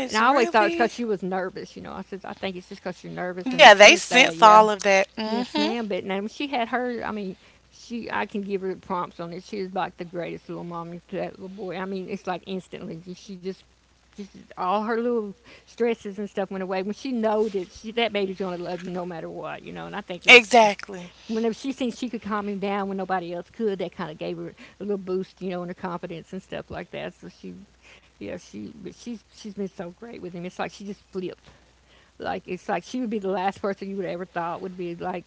And I always thought it's because really? she was nervous, you know. I said, I think it's just because you're nervous and they Yeah, they sense that, sense yeah. all of that. Yes, Mhm. ma'am. But now she had her. I mean, she, I can give her prompts on it. She is like the greatest little mommy to that little boy. I mean, it's like instantly. She just, all her little stresses and stuff went away when she know that she that baby's gonna love you no matter what. You know, and I think that Exactly. whenever she thinks she could calm him down when nobody else could, that kind of gave her a little boost, you know, in her confidence and stuff like that. So she, yeah, she. But she's been so great with him. It's like she just flipped. It's like she would be the last person you would ever thought would be like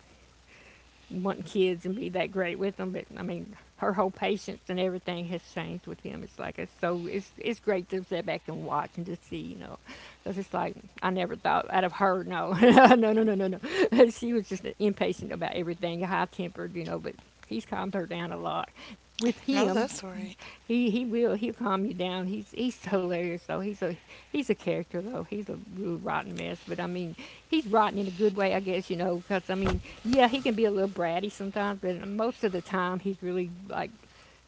wanting kids and be that great with them, but I mean, her whole patience and everything has changed with him. It's like it's so it's great to sit back and watch and to see, you know, because it's like I never thought out of her. No, no, no, no, no, no. She was just impatient about everything, high tempered, you know. But he's calmed her down a lot. With No, him, that's right. he'll calm you down. He's hilarious though. He's a character though. He's a real rotten mess, but I mean he's rotten in a good way, I guess, you know. Because I mean, yeah, he can be a little bratty sometimes, but most of the time he's really like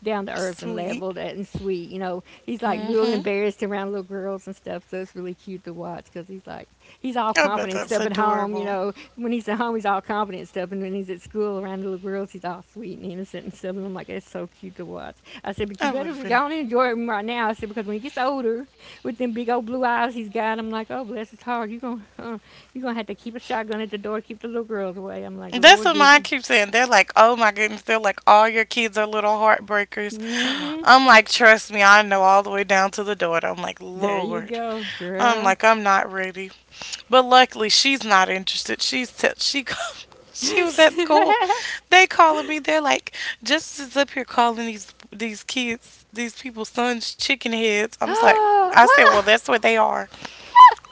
down to earth and Sweet. leveled and sweet. You know, he's like real Mm-hmm. embarrassed around little girls and stuff. So it's really cute to watch because he's like, he's all I bet confident and that's stuff at home. You adorable. know, when he's at home, he's all confident and stuff. And when he's at school around the little girls, he's all sweet and innocent and stuff. And I'm like, that's so cute to watch. I said, but I you would better have been. go on and enjoy him right now. I said, because when he gets older, with them big old blue eyes he's got, I'm like, oh, bless his heart. You're going, you are gonna have to keep a shotgun at the door to keep the little girls away. I'm like, That's Lord what Jesus. mine keeps saying. They're like, oh my goodness. They're like, all your kids are little heartbreakers. Mm hmm. I'm like, trust me, I know all the way down to the daughter. I'm like, There you Lord. go, I'm girl. like, I'm not ready. But luckily, she's not interested. She she was at Wow, school. They calling me. They're like, Justice is up here calling these kids, these people's sons, chicken heads. I was like, that I said, well, that's what they are.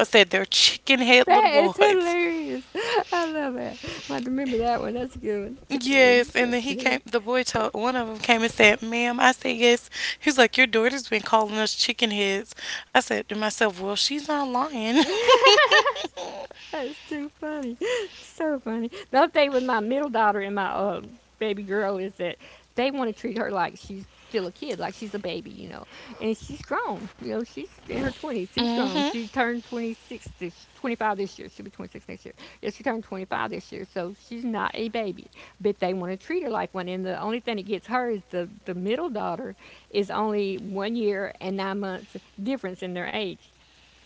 I said they're chicken head little is boys. hilarious. I love it. I might remember that one. That's a good one. Chicken head. Yes, Oh, and then he chicken came. The boy told one of them came and said, "Ma'am," I said, "Yes." He's like, "Your daughter's been calling us chicken heads." I said to myself, "Well, she's not lying." head. That's too funny. So funny. The other thing with my middle daughter and my baby girl is that they want to treat her like she's still a kid, like she's a baby, you know. And she's grown. You know, she's in her 20s. She's grown. Hmm. She turned 26, this, 25 this year. She'll be 26 next year. Yeah, she turned 25 this year. So she's not a baby. But they want to treat her like one. And the only thing that gets her is the middle daughter is only 1 year and 9 months difference in their age.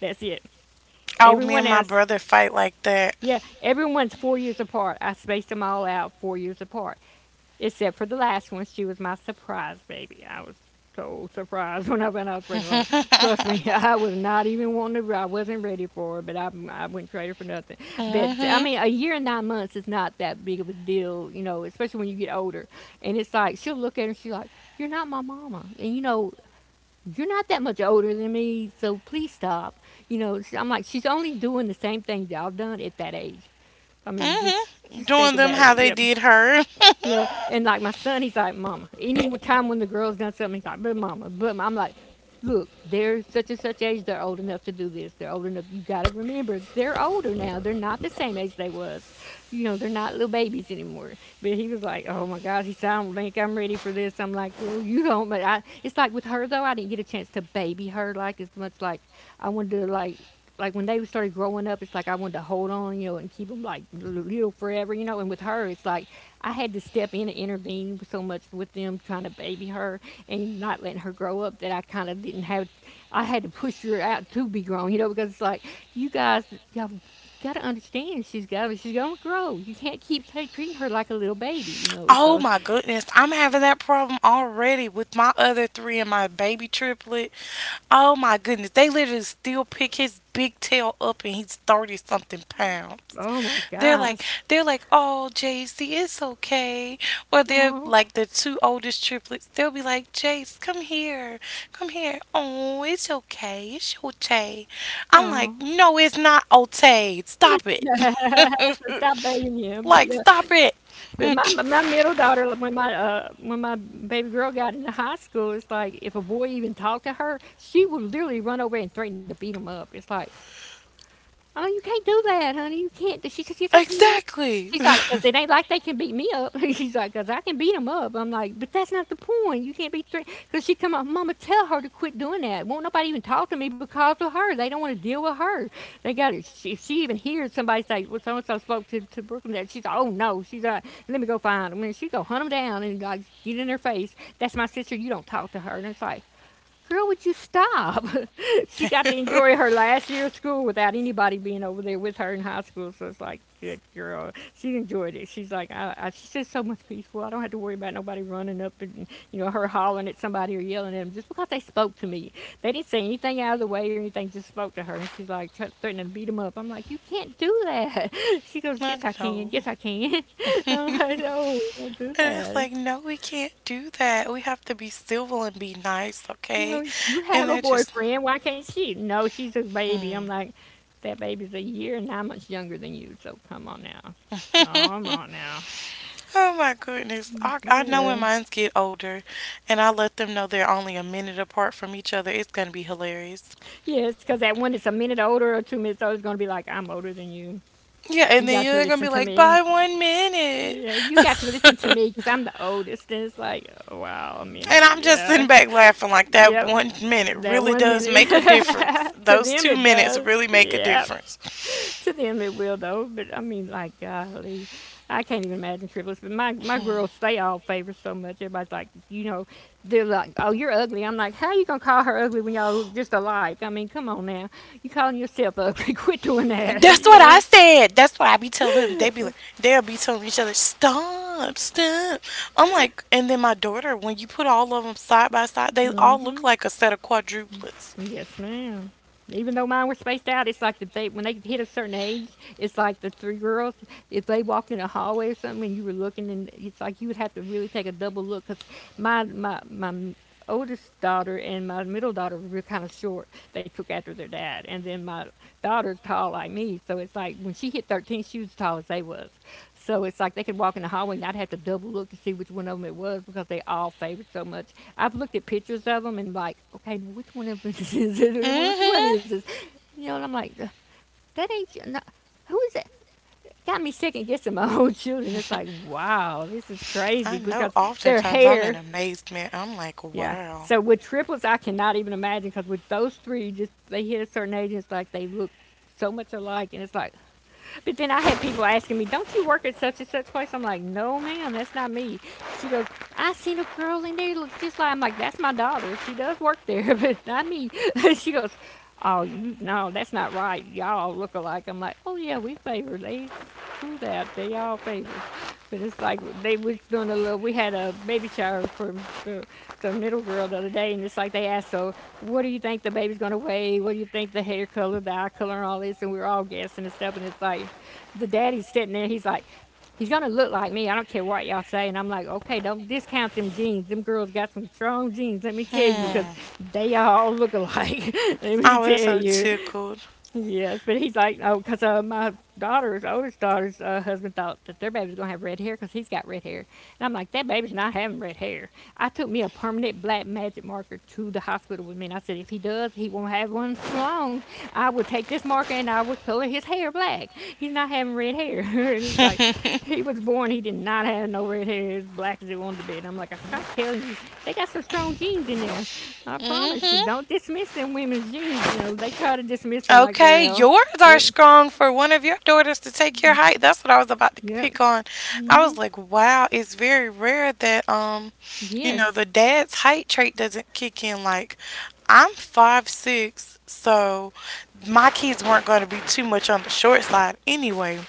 That's it. Oh, me Everyone and my else brother fight like that. Yeah, everyone's 4 years apart. I spaced them all out 4 years apart, except for the last one. She was my surprise baby. I was so surprised when I went out pregnant with her. Trust me, I was not even wanting to. I wasn't ready for her, but I wouldn't trade her for nothing. But I Hmm. mean, a year and 9 months is not that big of a deal, you know, especially when you get older. And it's like she'll look at her, and she's like, "You're not my mama," and you know, you're not that much older than me, so please stop. You know, I'm like, she's only doing the same things y'all done at that age. I mean, Hmm. just think Doing them about how it. they Yep. did her. You know, and like my son, he's like, "Mama, any time when the girl's done something," he's like, "But Mama, but Mama." I'm like, "Look, they're such and such age. They're old enough to do this. They're old enough. You got to remember, they're older now. They're not the same age they was. You know, they're not little babies anymore." But he was like, "Oh my gosh," he said, "I don't think I'm ready for this." I'm like, "Well, you don't." But I, it's like with her though, I didn't get a chance to baby her like as much. Like I wanted to, like, when they started growing up, it's like I wanted to hold on, you know, and keep them like little forever, you know. And with her, it's like I had to step in and intervene so much with them trying to baby her and not letting her grow up that I kind of didn't have. I had to push her out to be grown, you know, because it's like you guys, y'all got to understand she's gonna grow. You can't keep ta treating her like a little baby, you know. Oh So, my goodness, I'm having that problem already with my other three and my baby triplet. Oh my goodness, they literally still pick his big tail up and he's 30 something pounds. oh my They're like, gosh, they're like, oh, JC, it's okay. Or they're oh like the two oldest triplets. They'll be like, "Jace, come here, come here. Oh, it's okay, it's okay." I'm no, like, no, it's not okay. Stop it. so stop babying him. But Like, yeah. stop it. But my my middle daughter, like, when my baby girl got into high school, it's like if a boy even talked to her, she would literally run over and threaten to beat him up. It's like, "Oh, you can't do that, honey. You can't do-" She says, "Yes, I can." Exactly. She's like, "'Cause it ain't like they can beat me up." She's like, "'Cause I can beat 'em up." I'm like, "But that's not the point. You can't be threatened." Because she come up, "Mama, tell her to quit doing that. Won't nobody even talk to me because of her. They don't want to deal with her. They got it." She, if she even hears somebody say, "Well, so and so spoke to Brooklyn," that she's like, "Oh no." She's like, "Let me go find 'em." And she go hunt 'em down and like get in their face. "That's my sister. You don't talk to her." And it's like, "Girl, would you stop?" She got to enjoy her last year of school without anybody being over there with her in high school. So it's like, good girl. She enjoyed it. She's like, she says so much peaceful. "I don't have to worry about nobody running up and, you know, her hollering at somebody or yelling at them just because they spoke to me. They didn't say anything out of the way or anything, just spoke to her." And she's like, threatening to beat them up. I'm like, "You can't do that." She goes, Like, "Yes, I can. no. Yes, I can." I'm like, "No, don't do And it's that. like, no, we can't do that. We have to be civil and be nice, You okay? know, you And have a they're just, boyfriend. Why can't she?" "No, she's a baby." I'm hmm. like, that baby's a year and 9 months younger than you. So come on now. Oh Come on now. my goodness. I know when Yeah. mines get older and I let them know they're only a minute apart from each other, it's going to be hilarious. Yes, because that one that's a minute older or 2 minutes older is going to be like, "I'm older than you. Yeah, You and then got to you're going to listen be to like, me. by 1 minute. Yeah, you got to listen to me because I'm the oldest." And it's like, oh, wow, a And minute. I'm just sitting Yeah. back laughing like that Yep. 1 minute That really one does minute. make a difference. To Those them, two it minutes does. really make a Yep. difference. To them it will though. But I mean, like, golly, I can't even imagine triplets. But my girls, they all favor so much. Everybody's like, you know, they're like, "Oh, you're ugly." I'm like, "How are you gonna call her ugly when y'all just alike? I mean, come on now, you calling yourself ugly? Quit doing that," That's you what I know. said. That's what I be telling them. They be like, they'll be telling each other, stop, stop. I'm like, and then my daughter, when you put all of them side by side, they all look Hmm. like a set of quadruplets. Yes, ma'am. Even though mine were spaced out, it's like if they when they hit a certain age, it's like the three girls, if they walked in a hallway or something, and you were looking, and it's like you would have to really take a double look because my oldest daughter and my middle daughter were kind of short. They took after their dad, and then my daughter's tall like me, so it's like when she hit 13, she was as tall as they was. So it's like they could walk in the hallway and I'd have to double look to see which one of them it was because they all favored so much. I've looked at pictures of them and like, okay, now which one of them is this? Which one is this? Mm-hmm. You know, and I'm like, that ain't No, who is that? Got me second guessing my own children. It's like, wow, this is crazy I know. because their Oftentimes, I'm in hair, amazement. I'm like, yeah. wow. So with triplets, I cannot even imagine because with those three, just they hit a certain age, it's like they look so much alike, and it's like, but then I had people asking me, "Don't you work at such and such place?" I'm like, "No, ma'am, that's not me." She goes, "I seen a girl in there that looks just like." I'm like, "That's my daughter. She does work there, but not me." She goes, "Oh, you no, that's not right. Y'all look alike." I'm like, "Oh yeah, we favor they." True that they all favor, but it's like they was doing a little. We had a baby shower for the the middle girl the other day, and it's like they asked, "So, what do you think the baby's gonna weigh? What do you think the hair color, the eye color, and all this?" And we were all guessing and stuff. And it's like, the daddy's sitting there. He's like, "He's gonna look like me. I don't care what y'all say." And I'm like, okay, don't discount them genes. Them girls got some strong genes. Let me tell you, 'cause Hmm. they all look alike. Let me I was tell so you. tickled. Yes, but he's like, oh, because my daughter's oldest daughter's husband thought that their baby's gonna have red hair because he's got red hair, and I'm like, that baby's not having red hair. I took me a permanent black magic marker to the hospital with me, and I said, if he does, he won't have one for long. I would take this marker and I would color his hair black. He's not having red hair, and it's like, he Mm-hmm. was born, he did not have no red hair, as black as it wanted to be. And I'm like, I tried telling you, they got some strong genes in there. I promise you, don't dismiss them women's genes. You know, they try to dismiss them like they're, you Okay, know, yours are yep, strong for one of your daughters to take your height. That's what I was about to yep, pick on. I hmm, was like, wow, it's very rare that yes. the dad's height trait doesn't kick in. Like, I'm 5'6", so my kids weren't going to be too much on the short side anyway,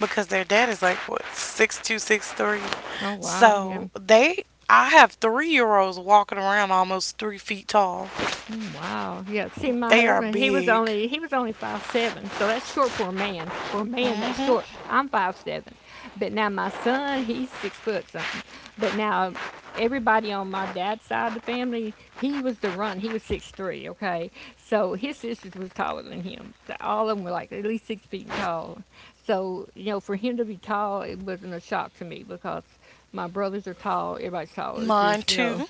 because their dad is like what 6'2" 6'3", Oh, wow, yeah. so they. I have 3-year olds walking around almost 3 feet tall. Mm, wow. Yeah. See, my They are husband, he was big. only he was only 5'7", so that's short for a man. For a man, that's short. Mm-hmm. I'm 5'7", but now my son, he's 6 foot something. But now everybody on my dad's side of the family, he was the run. He was 6'3". Okay, so his sisters was taller than him. So all of them were like at least 6 feet tall. So you know, for him to be tall, it wasn't a shock to me because my brothers are tall. Everybody's tall. It's Mine just you too. know,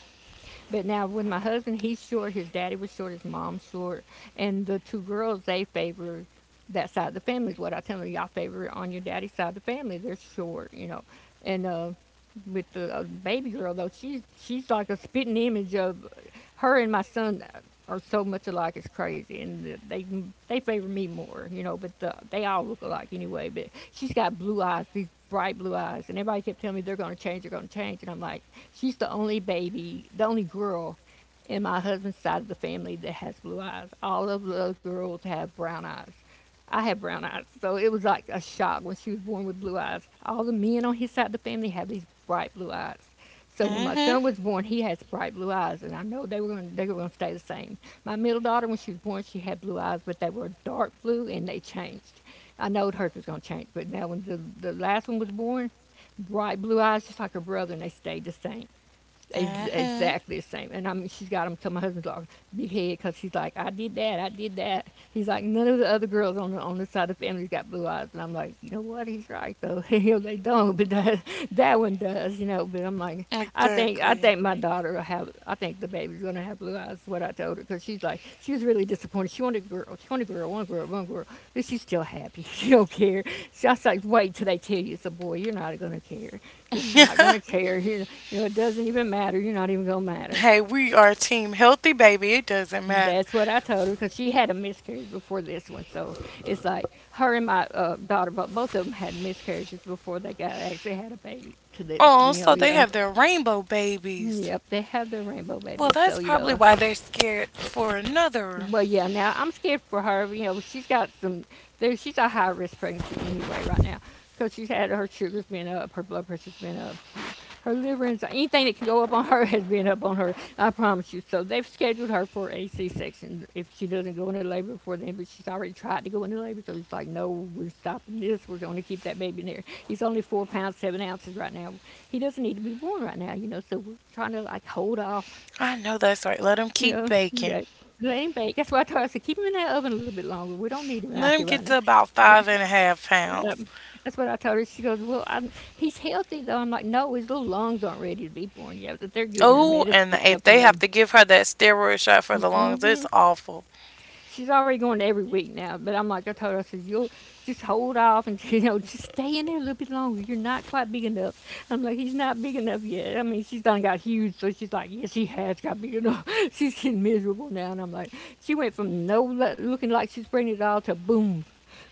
but now with my husband, he's short. His daddy was short. His mom's short. And the two girls, they favor that side of the family. Is what I tell them. Y'all favor it on your daddy's side of the family. They're short, you know. And with the baby girl though, she's like a spitting image of her, and my son are so much alike it's crazy, and they favor me more, you know. But the, they all look alike anyway. But she's got blue eyes, these bright blue eyes, and everybody kept telling me they're gonna change, and I'm like, she's the only baby, the only girl in my husband's side of the family that has blue eyes. All of the other girls have brown eyes. I have brown eyes, so it was like a shock when she was born with blue eyes. All the men on his side of the family have these bright blue eyes. So when my Mm-hmm. son was born, he has bright blue eyes, and I know they were going to stay the same. My middle daughter, when she was born, she had blue eyes, but they were dark blue, and they changed. I know hers was going to change, but now when the last one was born, bright blue eyes, just like her brother, and they stayed the same. Mm-hmm. Exactly the same, and I mean she's got them. So my husband's like big head because he's like, "I did that, I did that." He's like, none of the other girls on the on this side of the family's got blue eyes, and I'm like, you know what? He's right though. you they don't, but that one does, you know. But I'm like, I think I Exactly. think my daughter will have. I think the baby's gonna have blue eyes. Is what I told her because she was really disappointed. She wanted a girl. She wanted a girl. One girl. One girl. But she's still happy. She don't care. So I was like, wait till they tell you it's a boy. You're not gonna care. You're not gonna care. You know it doesn't even matter. You're not even gonna matter. Hey, we are team healthy, baby. It doesn't matter. That's what I told her because she had a miscarriage before this one. So it's like her and my daughter, but both of them had miscarriages before they got actually had a baby. To the Oh, so they yeah. have their rainbow babies. Yep, they have their rainbow Well, babies. that's So probably why they're scared for another. well, yeah. Now I'm scared for her. You know, she's got some. There, she's a high risk pregnancy anyway right now because she's had her sugars been up, her blood pressure's been up, she, her liver and anything that can go up on her has been up on her. I promise you. So they've scheduled her for a C-section if she doesn't go into labor before then. But she's already tried to go into labor, so it's like, no, we're stopping this. We're going to keep that baby in there. He's only 4 pounds 7 ounces right now. He doesn't need to be born right now, you know. So we're trying to like hold off, I know that's right. Let them you keep know, baking. that. Let him bake. That's why I told her, I said, keep him in that oven a little bit longer. We don't need him out Let here them right get now. to about five and a half Yep. pounds. That's what I told her. She goes, well, he's healthy, though. I'm like, no, his little lungs aren't ready to be born yet, but they're giving her Oh, medicine and and if stuff, you they have know. to give her that steroid shot for the lungs, Mm-hmm. it's awful. She's already going to every week now. But I'm like, I told her, I said, you'll just hold off and, you know, just stay in there a little bit longer. You're not quite big enough. I'm like, he's not big enough yet. I mean, she's done got huge. So she's like, yes, he has got big enough. She's getting miserable now. And I'm like, she went from no looking like she's pregnant at all to boom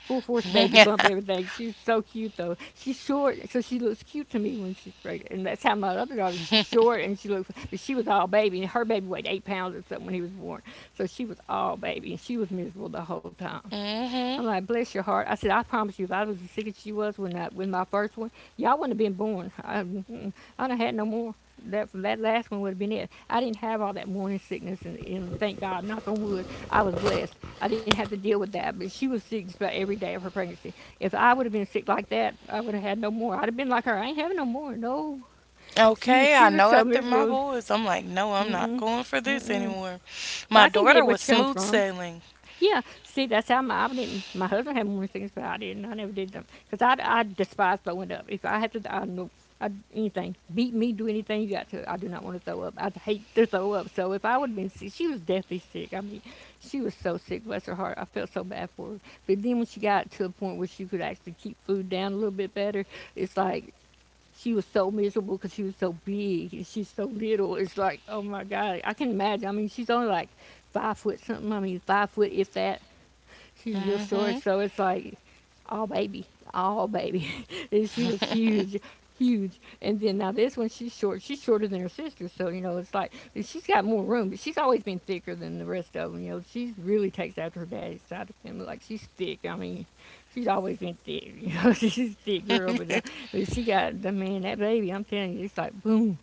full force baby Mm-hmm. bump everything. She's so cute though. She's short, so she looks cute to me when she's pregnant. And that's how my other daughter. She's short and she looks, but she was all baby, and her baby weighed 8 pounds or something when he was born. So she was all baby, and she was miserable the whole time. I'm like, bless your heart. I said, I promise you, if I was as sick as she was with my first one, y'all wouldn't have been born. I done had no more. That last one would have been it. I didn't have all that morning sickness, and thank God, knock on wood, I was blessed. I didn't have to deal with that. But she was sick just about every day of her pregnancy. If I would have been sick like that, I would have had no more. I'd have been like her. I ain't having no more. No, she Okay, I she was know so after my miserable. boys, I'm like, no, I'm not Mm-mm. going for this anymore. So My I can daughter get where was she comes smooth from. sailing. Yeah, see, that's I didn't. My husband had morning sickness, but I didn't. I never did them because I despise throwing up. If I have to, anything. Beat me, do anything you got to. I do not want to throw up. I hate to throw up. So if I would have been sick, she was deathly sick. I mean, she was so sick, bless her heart. I felt so bad for her. But then when she got to a point where she could actually keep food down a little bit better, it's like she was so miserable because she was so big and she's so little. It's like, oh my God, I can imagine. I mean, she's only like five-foot something. I mean, five-foot, if that. She's real short, Hmm. so it's like all baby, all baby. And she was huge, huge. And then now this one, she's short. She's shorter than her sister, so you know it's like she's got more room. But she's always been thicker than the rest of them. You know, she really takes after her daddy's side of the family. Like she's thick. I mean, she's always been thick. You know, she's a thick girl, but she got the man that baby. I'm telling you, it's like boom.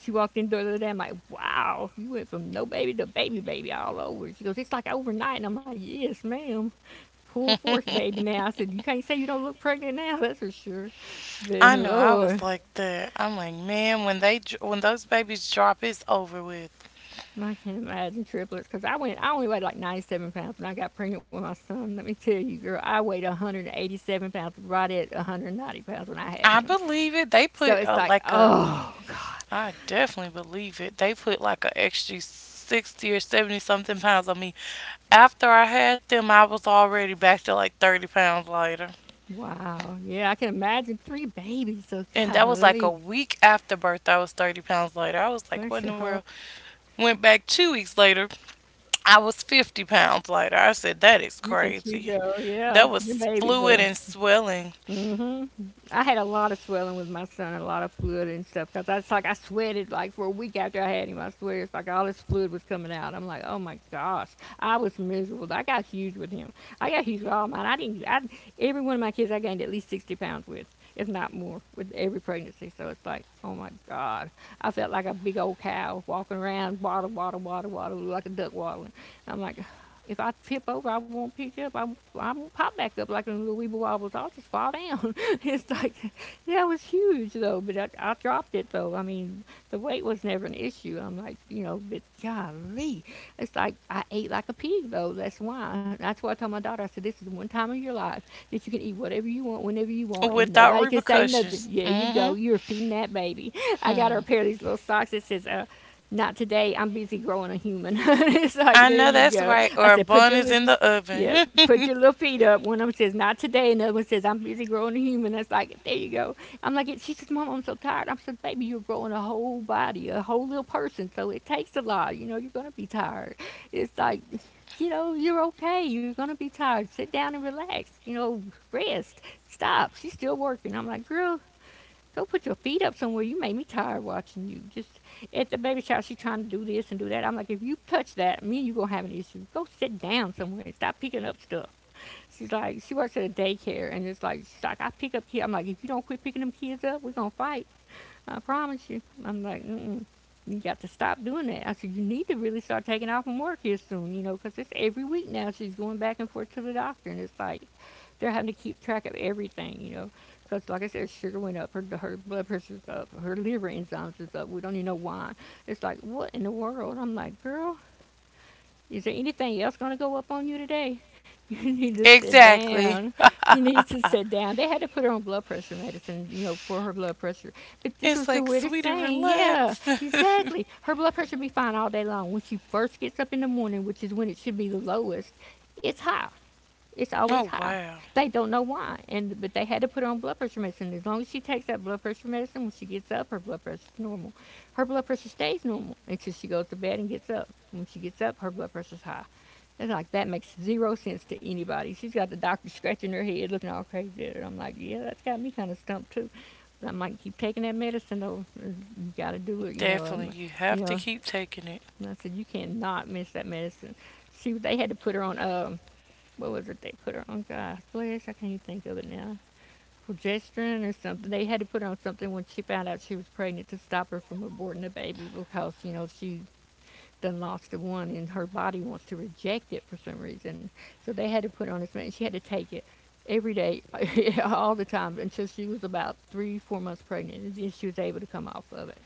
She walked in the door the other day. I'm like, wow, you went from no baby to baby baby all over. She goes, it's like overnight. And I'm like, yes, ma'am, full force baby now. I said, you can't say you don't look pregnant now, that's for sure. But I know, I was Lord, like that. I'm like, man, when those babies drop, it's over with. I can't imagine triplets because I only weighed like 97 pounds when I got pregnant with my son. Let me tell you, girl, I weighed 187 pounds, right at 190 pounds when I had I him. believe it. They So put it's a, like, like a, oh, God, I definitely believe it. They put like a extra 60 or 70 something pounds on me. After I had them, I was already back to like 30 pounds lighter. wow. Yeah, I can imagine three babies. So, And that was like a golly, week after birth. I was 30 pounds lighter. I was like, bless what in your the world? heart. Went back 2 weeks later. I was 50 pounds lighter. I said, that is Look at you crazy. go. Yeah, That your was babies. fluid Are. and swelling hmm I had a lot of swelling with my son, a lot of fluid and stuff, because I was like, I sweated like for a week after I had him. I swear, it's like all this fluid was coming out. I'm like, oh my gosh, I was miserable. I got huge with him. I got huge with all mine. I didn't. I, every one of my kids, I gained at least 60 pounds with, if not more, with every pregnancy. So it's like, oh my god, I felt like a big old cow walking around, waddle, waddle, waddle, waddle, like a duck waddling. I'm like, if I tip over, I won't pop back up like a little weeble wobbles. I'll just fall down. It's like, that was huge though, but I dropped it though. I mean, the weight was never an issue. I'm like, you know, but golly. It's like, I ate like a pig though. That's why. That's why I told my daughter, I said, this is the one time in your life that you can eat whatever you want, whenever you want, and without nobody can say nothing. repercussions. Yeah, you Mm go. hmm You're feeding that baby. I got her a Hmm. pair of these little socks that says, not today. I'm busy growing a human. It's like I there know you that's go. right. I Or a said, bun is in the yeah, oven. put your little feet up. One of them says, not today. Another one says, I'm busy growing a human. That's like there you go. I'm like, she says, Mom, I'm so tired. I'm so baby, you're growing a whole body, a whole little person. So it takes a lot. You know, you're gonna be tired. It's like you know, you're okay. You're gonna be tired. Sit down and relax. You know, rest. Stop. She's still working. I'm like, girl, go put your feet up somewhere. You made me tired watching you. Just at the baby shower, she trying to do this and do that. I'm like, if you touch that, me and you gonna have an issue. Go sit down somewhere and stop picking up stuff. She works at a daycare, and it's like, she's like, I pick up kids. I'm like, if you don't quit picking them kids up, we gonna fight. I promise you. I'm like, you got to stop doing that. I said, you need to really start taking off from work here soon, you know, because it's every week now. She's going back and forth to the doctor, and it's like they're having to keep track of everything, you know. Because, like I said, sugar went up, her blood pressure's up, her liver enzymes is up. We don't even know why. It's like, what in the world? I'm like, girl, is there anything else going to go up on you today? You need to sit Exactly. down. She needs to sit down. They had to put her on blood pressure medicine, you know, for her blood pressure. But this It's was the like, weirdest sweetie, thing. Yeah, relax. exactly. Her blood pressure be fine all day long. When she first gets up in the morning, which is when it should be the lowest, it's high. It's always Oh, high. wow. They don't know why, and but they had to put her on blood pressure medicine. As long as she takes that blood pressure medicine, when she gets up, her blood pressure's normal. Her blood pressure stays normal until she goes to bed and gets up. When she gets up, her blood pressure's high. And like that makes zero sense to anybody. She's got the doctor scratching her head, looking all crazy at her. I'm like, yeah, that's got me kind of stumped too. But I'm like, keep taking that medicine though. You got to do it, you know. Definitely. You have you to know, keep taking it. and I said, you cannot miss that medicine. They had to put her on, what was it they put her on? Gosh, bless, I can't even think of it now. Progesterone or something. They had to put her on something when she found out she was pregnant to stop her from aborting the baby because, you know, she done lost the one, and her body wants to reject it for some reason. So they had to put on this medicine. She had to take it every day, all the time, until she was about three, 4 months pregnant, and then she was able to come off of it.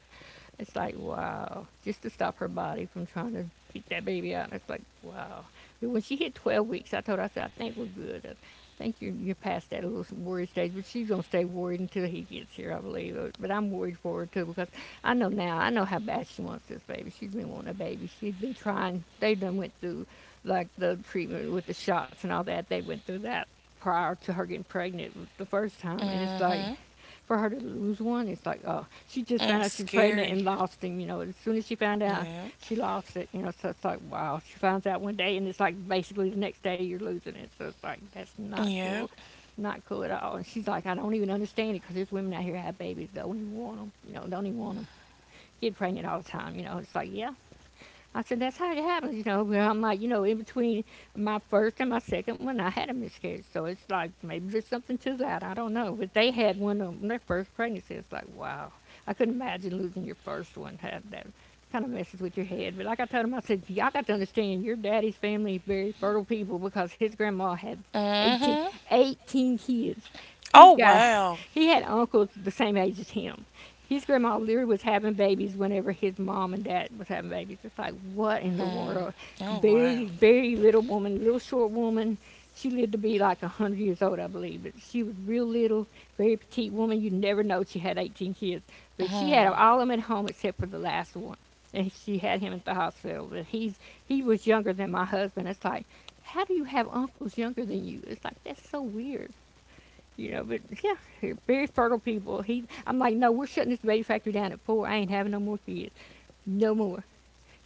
It's like, wow, just to stop her body from trying to get that baby out. And it's like, wow. But when she hit 12 weeks, I told her, I said, I think we're good. I think you're past that little worried stage, but she's going to stay worried until he gets here, I believe. But I'm worried for her, too, because I know now, I know how bad she wants this baby. She's been wanting a baby. She's been trying. They done went through, like, the treatment with the shots and all that. They went through that prior to her getting pregnant the first time. And it's like, Mm-hmm. mm for her to lose one, it's like, oh, she just hmm found It's out she's pregnant and scary. lost him. You know, as soon as she found out, Yeah. she lost it. You know, so it's like, wow. She finds out one day, and it's like basically the next day you're losing it. So it's like, that's not Yep. cool. Not cool at all. And she's like, I don't even understand it because there's women out here have babies, don't even want them. You know, don't even want them. Get pregnant all the time. You know, it's like, yeah, I said, that's how it happens, you know. I'm like, you know, in between my first and my second one, I had a miscarriage. So it's like, maybe there's something to that. I don't know. But they had one on their first pregnancy. It's like, wow. I couldn't imagine losing your first one. Had that kind of messes with your head. But like I told him, I said, y'all got to understand, your daddy's family is very fertile people because his grandma had 18, Mm-hmm. 18 kids. He's Oh got, wow. he had uncles the same age as him. His grandma literally was having babies whenever his mom and dad was having babies. It's like what in the Hmm. world? Oh Very wow. very little woman, little short woman. She lived to be like 100 years old, I believe. But she was real little, very petite woman. You never know she had 18 kids. But she Hmm. had all of them at home except for the last one, and she had him at the hospital. But he was younger than my husband. It's like, how do you have uncles younger than you? It's like that's so weird. You know, but yeah, very fertile people. I'm like, no, we're shutting this baby factory down at four. I ain't having no more kids, no more.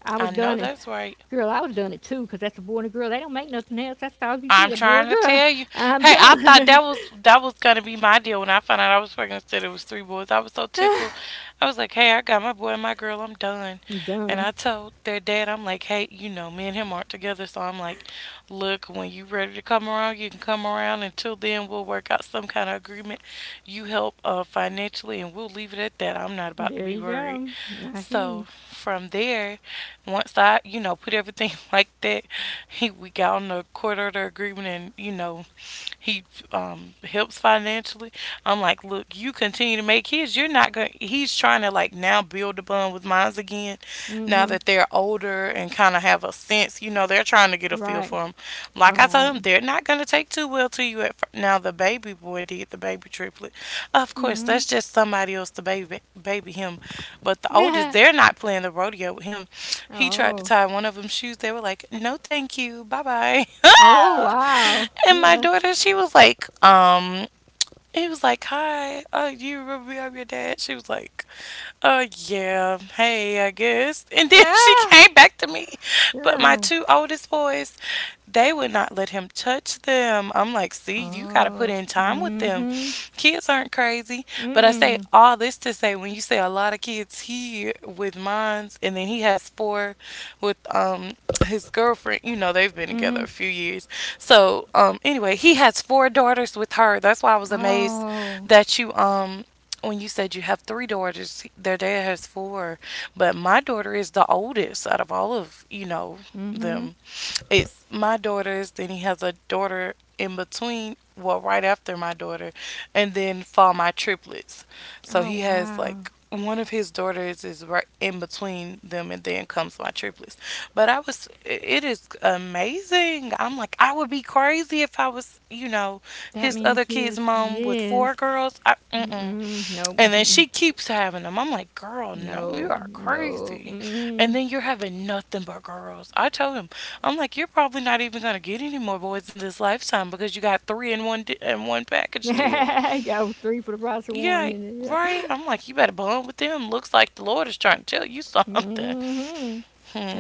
I was I know done it, that's right. girl. I was done it too, 'cause that's a boy and a girl. They don't make nothing else. That's all you get, I'm a boy and trying a to girl. tell you. I'm Hey, I thought done, that was gonna be my deal when I found out I was pregnant. Said it was three boys. I was so tickled. I was like, "Hey, I got my boy and my girl. I'm done." And done. I told their dad, I'm like, "Hey, me and him aren't together. So I'm like, look, when you ready to come around, you can come around. Until then, we'll work out some kind of agreement. You help financially, and we'll leave it at that. I'm not about to There be you worried." go. I hear you. So from there, once I, put everything like that, he we got on the court order agreement, and he helps financially. I'm like, look, you continue to make his. You're not going. He's trying to like now build a bond with mines again. Now Mm-hmm. that they're older and kind of have a sense, they're trying to get a feel Right, for him. Like I right. told him, they're not going to take too well to you at first. Now, the baby boy did, the baby triplet. Of course, Mm-hmm. that's just somebody else to baby him. But the oldest, Yeah. they're not playing the rodeo with him. He tried to Oh, tie one of them's shoes. They were like, no, thank you. Bye bye. oh, wow. And my Yeah. daughter, she was like, he was like, "Hi, you remember me? I'm your dad." She was like, Yeah, hey, I guess." And then she Ah, came back to me, but my yeah. two oldest boys, they would not let him touch them. I'm like, "See, you got to put Oh. in time with them. Mm-hmm. Kids aren't crazy." But I say Mm-mm. all this to say, when you say a lot of kids, he with mines, and then he has four with his girlfriend. They've been together Mm-hmm. a few years. So, anyway, he has four daughters with her. That's why I was amazed Oh. that when you said you have three daughters, their dad has four, but my daughter is the oldest out of all of, you know, Mm. Mhm. them. It's my daughters, then he has a daughter in between, well, right after my daughter, and then fall my triplets. So Oh he has wow. like one of his daughters is right in between them, and then comes my triplets. But it is amazing. I'm like, I would be crazy crazy if I was That his many other kid's kids. mom with Yes. four girls. I, mm-mm. Mm-mm. Nope. And then Mm-mm. she keeps having them. I'm like, girl, no, you No. are No. crazy. And Mm-mm. then you're having nothing but girls. I told him, I'm like, you're probably not even gonna get any more boys in this lifetime because you got three in one package deal. Yo, three for the price of one. Yeah. And yeah. Right, I'm like you better bond with them. Looks like the Lord is trying to tell you something. Mm-hmm.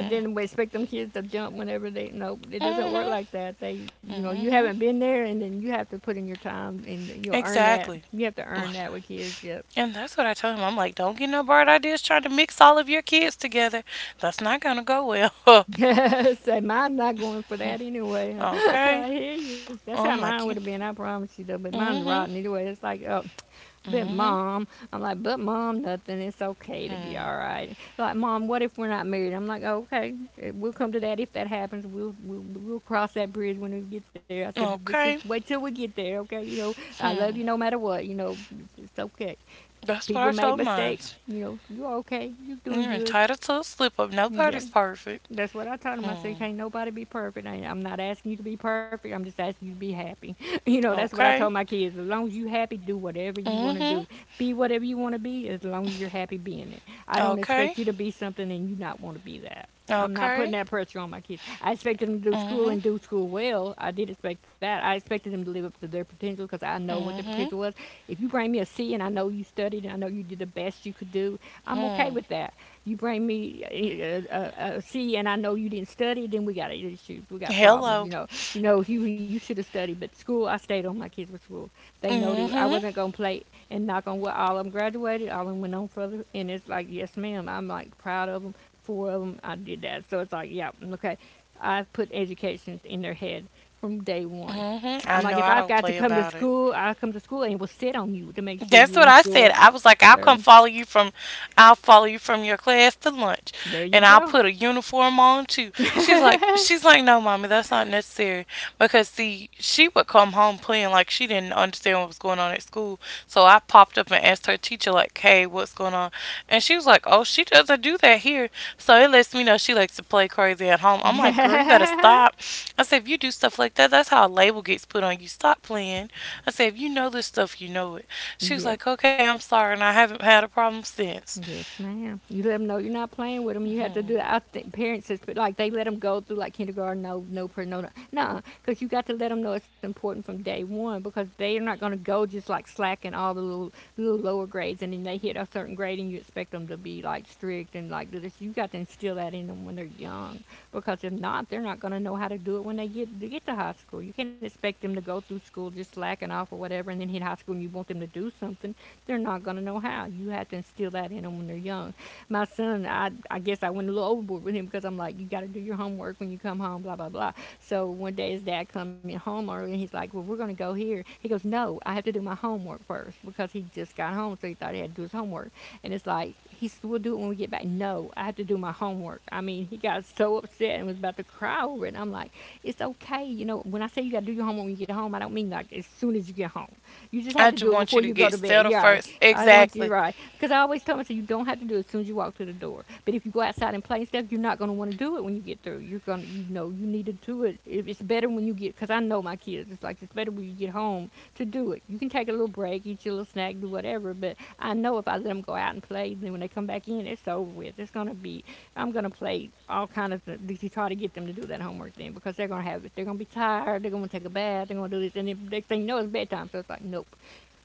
And then we expect them kids to jump whenever they. Nope. mm It doesn't Mhm. work like that. They, you know, mm you haven't Mhm. been there, and then you have to put in your time, and you'll earn that. Exactly. You have to earn that with kids. Yep. And that's what I told him. I'm like, don't get no bright ideas trying to mix all of your kids together. That's not gonna go well. Say, mine's not going for that anyway. Huh? I Okay. hear you. That's how I'm mine would like, have you. been. I promise you, though. But mine's Mm rotten anyway. It's like, oh, hmm. but Mm mom. I'm like, but mom, nothing. It's okay to be hmm. all Hmm. right. Like, mom, what if we're not married? I'm like, okay, eh, we'll come to that if that happens. We'll cross that bridge when we get there. I said, but let's just Okay. wait till we get there, okay? You know, I love Hmm. you no matter what. You know, it's okay. That's what People I make told mistakes. mines. You know, you're okay. You're doing You're good. entitled to a slip up. Yeah, Nobody's perfect. that's what I told him. I said, Hmm. can't nobody be perfect. I'm not asking you to be perfect. I'm just asking you to be happy. You know, that's what I told Okay. my kids. As long as you happy, do whatever you Mm want to hmm. do. Be whatever you want to be as long as you're happy being it. I don't Okay. expect you to be something and you not want to be that. I'm not putting Okay. that pressure on my kids. I expected them to do Mm school hmm. and do school well. I did expect that. I expected them to live up to their potential because I know what their Mm potential hmm. was. If you bring me a C and I know you studied and I know you did the best you could do, I'm okay Hmm. with that. You bring me a C and I know you didn't study, then we got issues. We got problems. You Hello. know, you know, you should have studied, but school. I stayed on my kids with school. They know Mm that I hmm. wasn't gonna play and knock on what all of them graduated. All of them went on further, and it's like yes, ma'am. I'm like proud of them four of them, I did that. So it's like, yeah, okay. I put education in their head from day one. Mm I'm hmm. like, I if know I've I got to don't come play to about it. school, I'll come to school and will sit on you to make sure you're That's in what I school. said. I was like, Girl, I'll follow you from your class to lunch, there you and I'll go. put a uniform on too. She's like, no, mommy, that's not necessary because see, she would come home playing like she didn't understand what was going on at school. So I popped up and asked her teacher like, hey, what's going on? And she was like, oh, she doesn't do that here. So it lets me know she likes to play crazy at home. I'm like, girl, you better stop. I said, if you do stuff like that, that's how a label gets put on you. Stop playing. I said, if you know this stuff, you know it. She was Yep. like, okay, I'm sorry, and I haven't had a problem since. Yes, ma'am. You let them know you're not playing with them. You have to do Hmm. that. I think parents, is, like, they let them go through, like, kindergarten, no, no, no, no. No, because you got to let them know it's important from day one because they are not going to go just, like, slacking all the little, little lower grades. And then they hit a certain grade and you expect them to be, like, strict and, like, do this. You got to instill that in them when they're young. Because if not, they're not going to know how to do it when they get to high school. You can't expect them to go through school just slacking off or whatever, and then hit high school and you want them to do something. They're not going to know how. You have to instill that in them when they're young. My son, I guess I went a little overboard with him because I'm like, you got to do your homework when you come home, blah blah blah. So one day his dad come home early, and he's like, well, we're going to go here. He goes, no, I have to do my homework first because he just got home, so he thought he had to do his homework. And it's like, he said, we'll do it when we get back. No, I have to do my homework. I mean, he got so upset and was about to cry over it. And I'm like, it's okay. You know, when I say you got to do your homework when you get home, I don't mean like as soon as you get home. You just have I to do just it want before you to you go get to bed. settled Yeah, first. I want you Exactly. right. Because I always tell myself, you don't have to do it as soon as you walk through the door. But if you go outside and play and stuff, you're not going to want to do it when you get through. You're going to, you know, you need to do it. If It's better when you get, because I know my kids, it's like it's better when you get home to do it. You can take a little break, eat your little snack, do whatever. But I know if I let them go out and play, then when they come back in, it's over with. It's going to be, I'm going to play all kind of, to try to get them to do that homework then because they're going to have it. They're going to be tired. They're going to take a bath. They're going to do this. And if next thing you know, it's bedtime. So it's like, nope,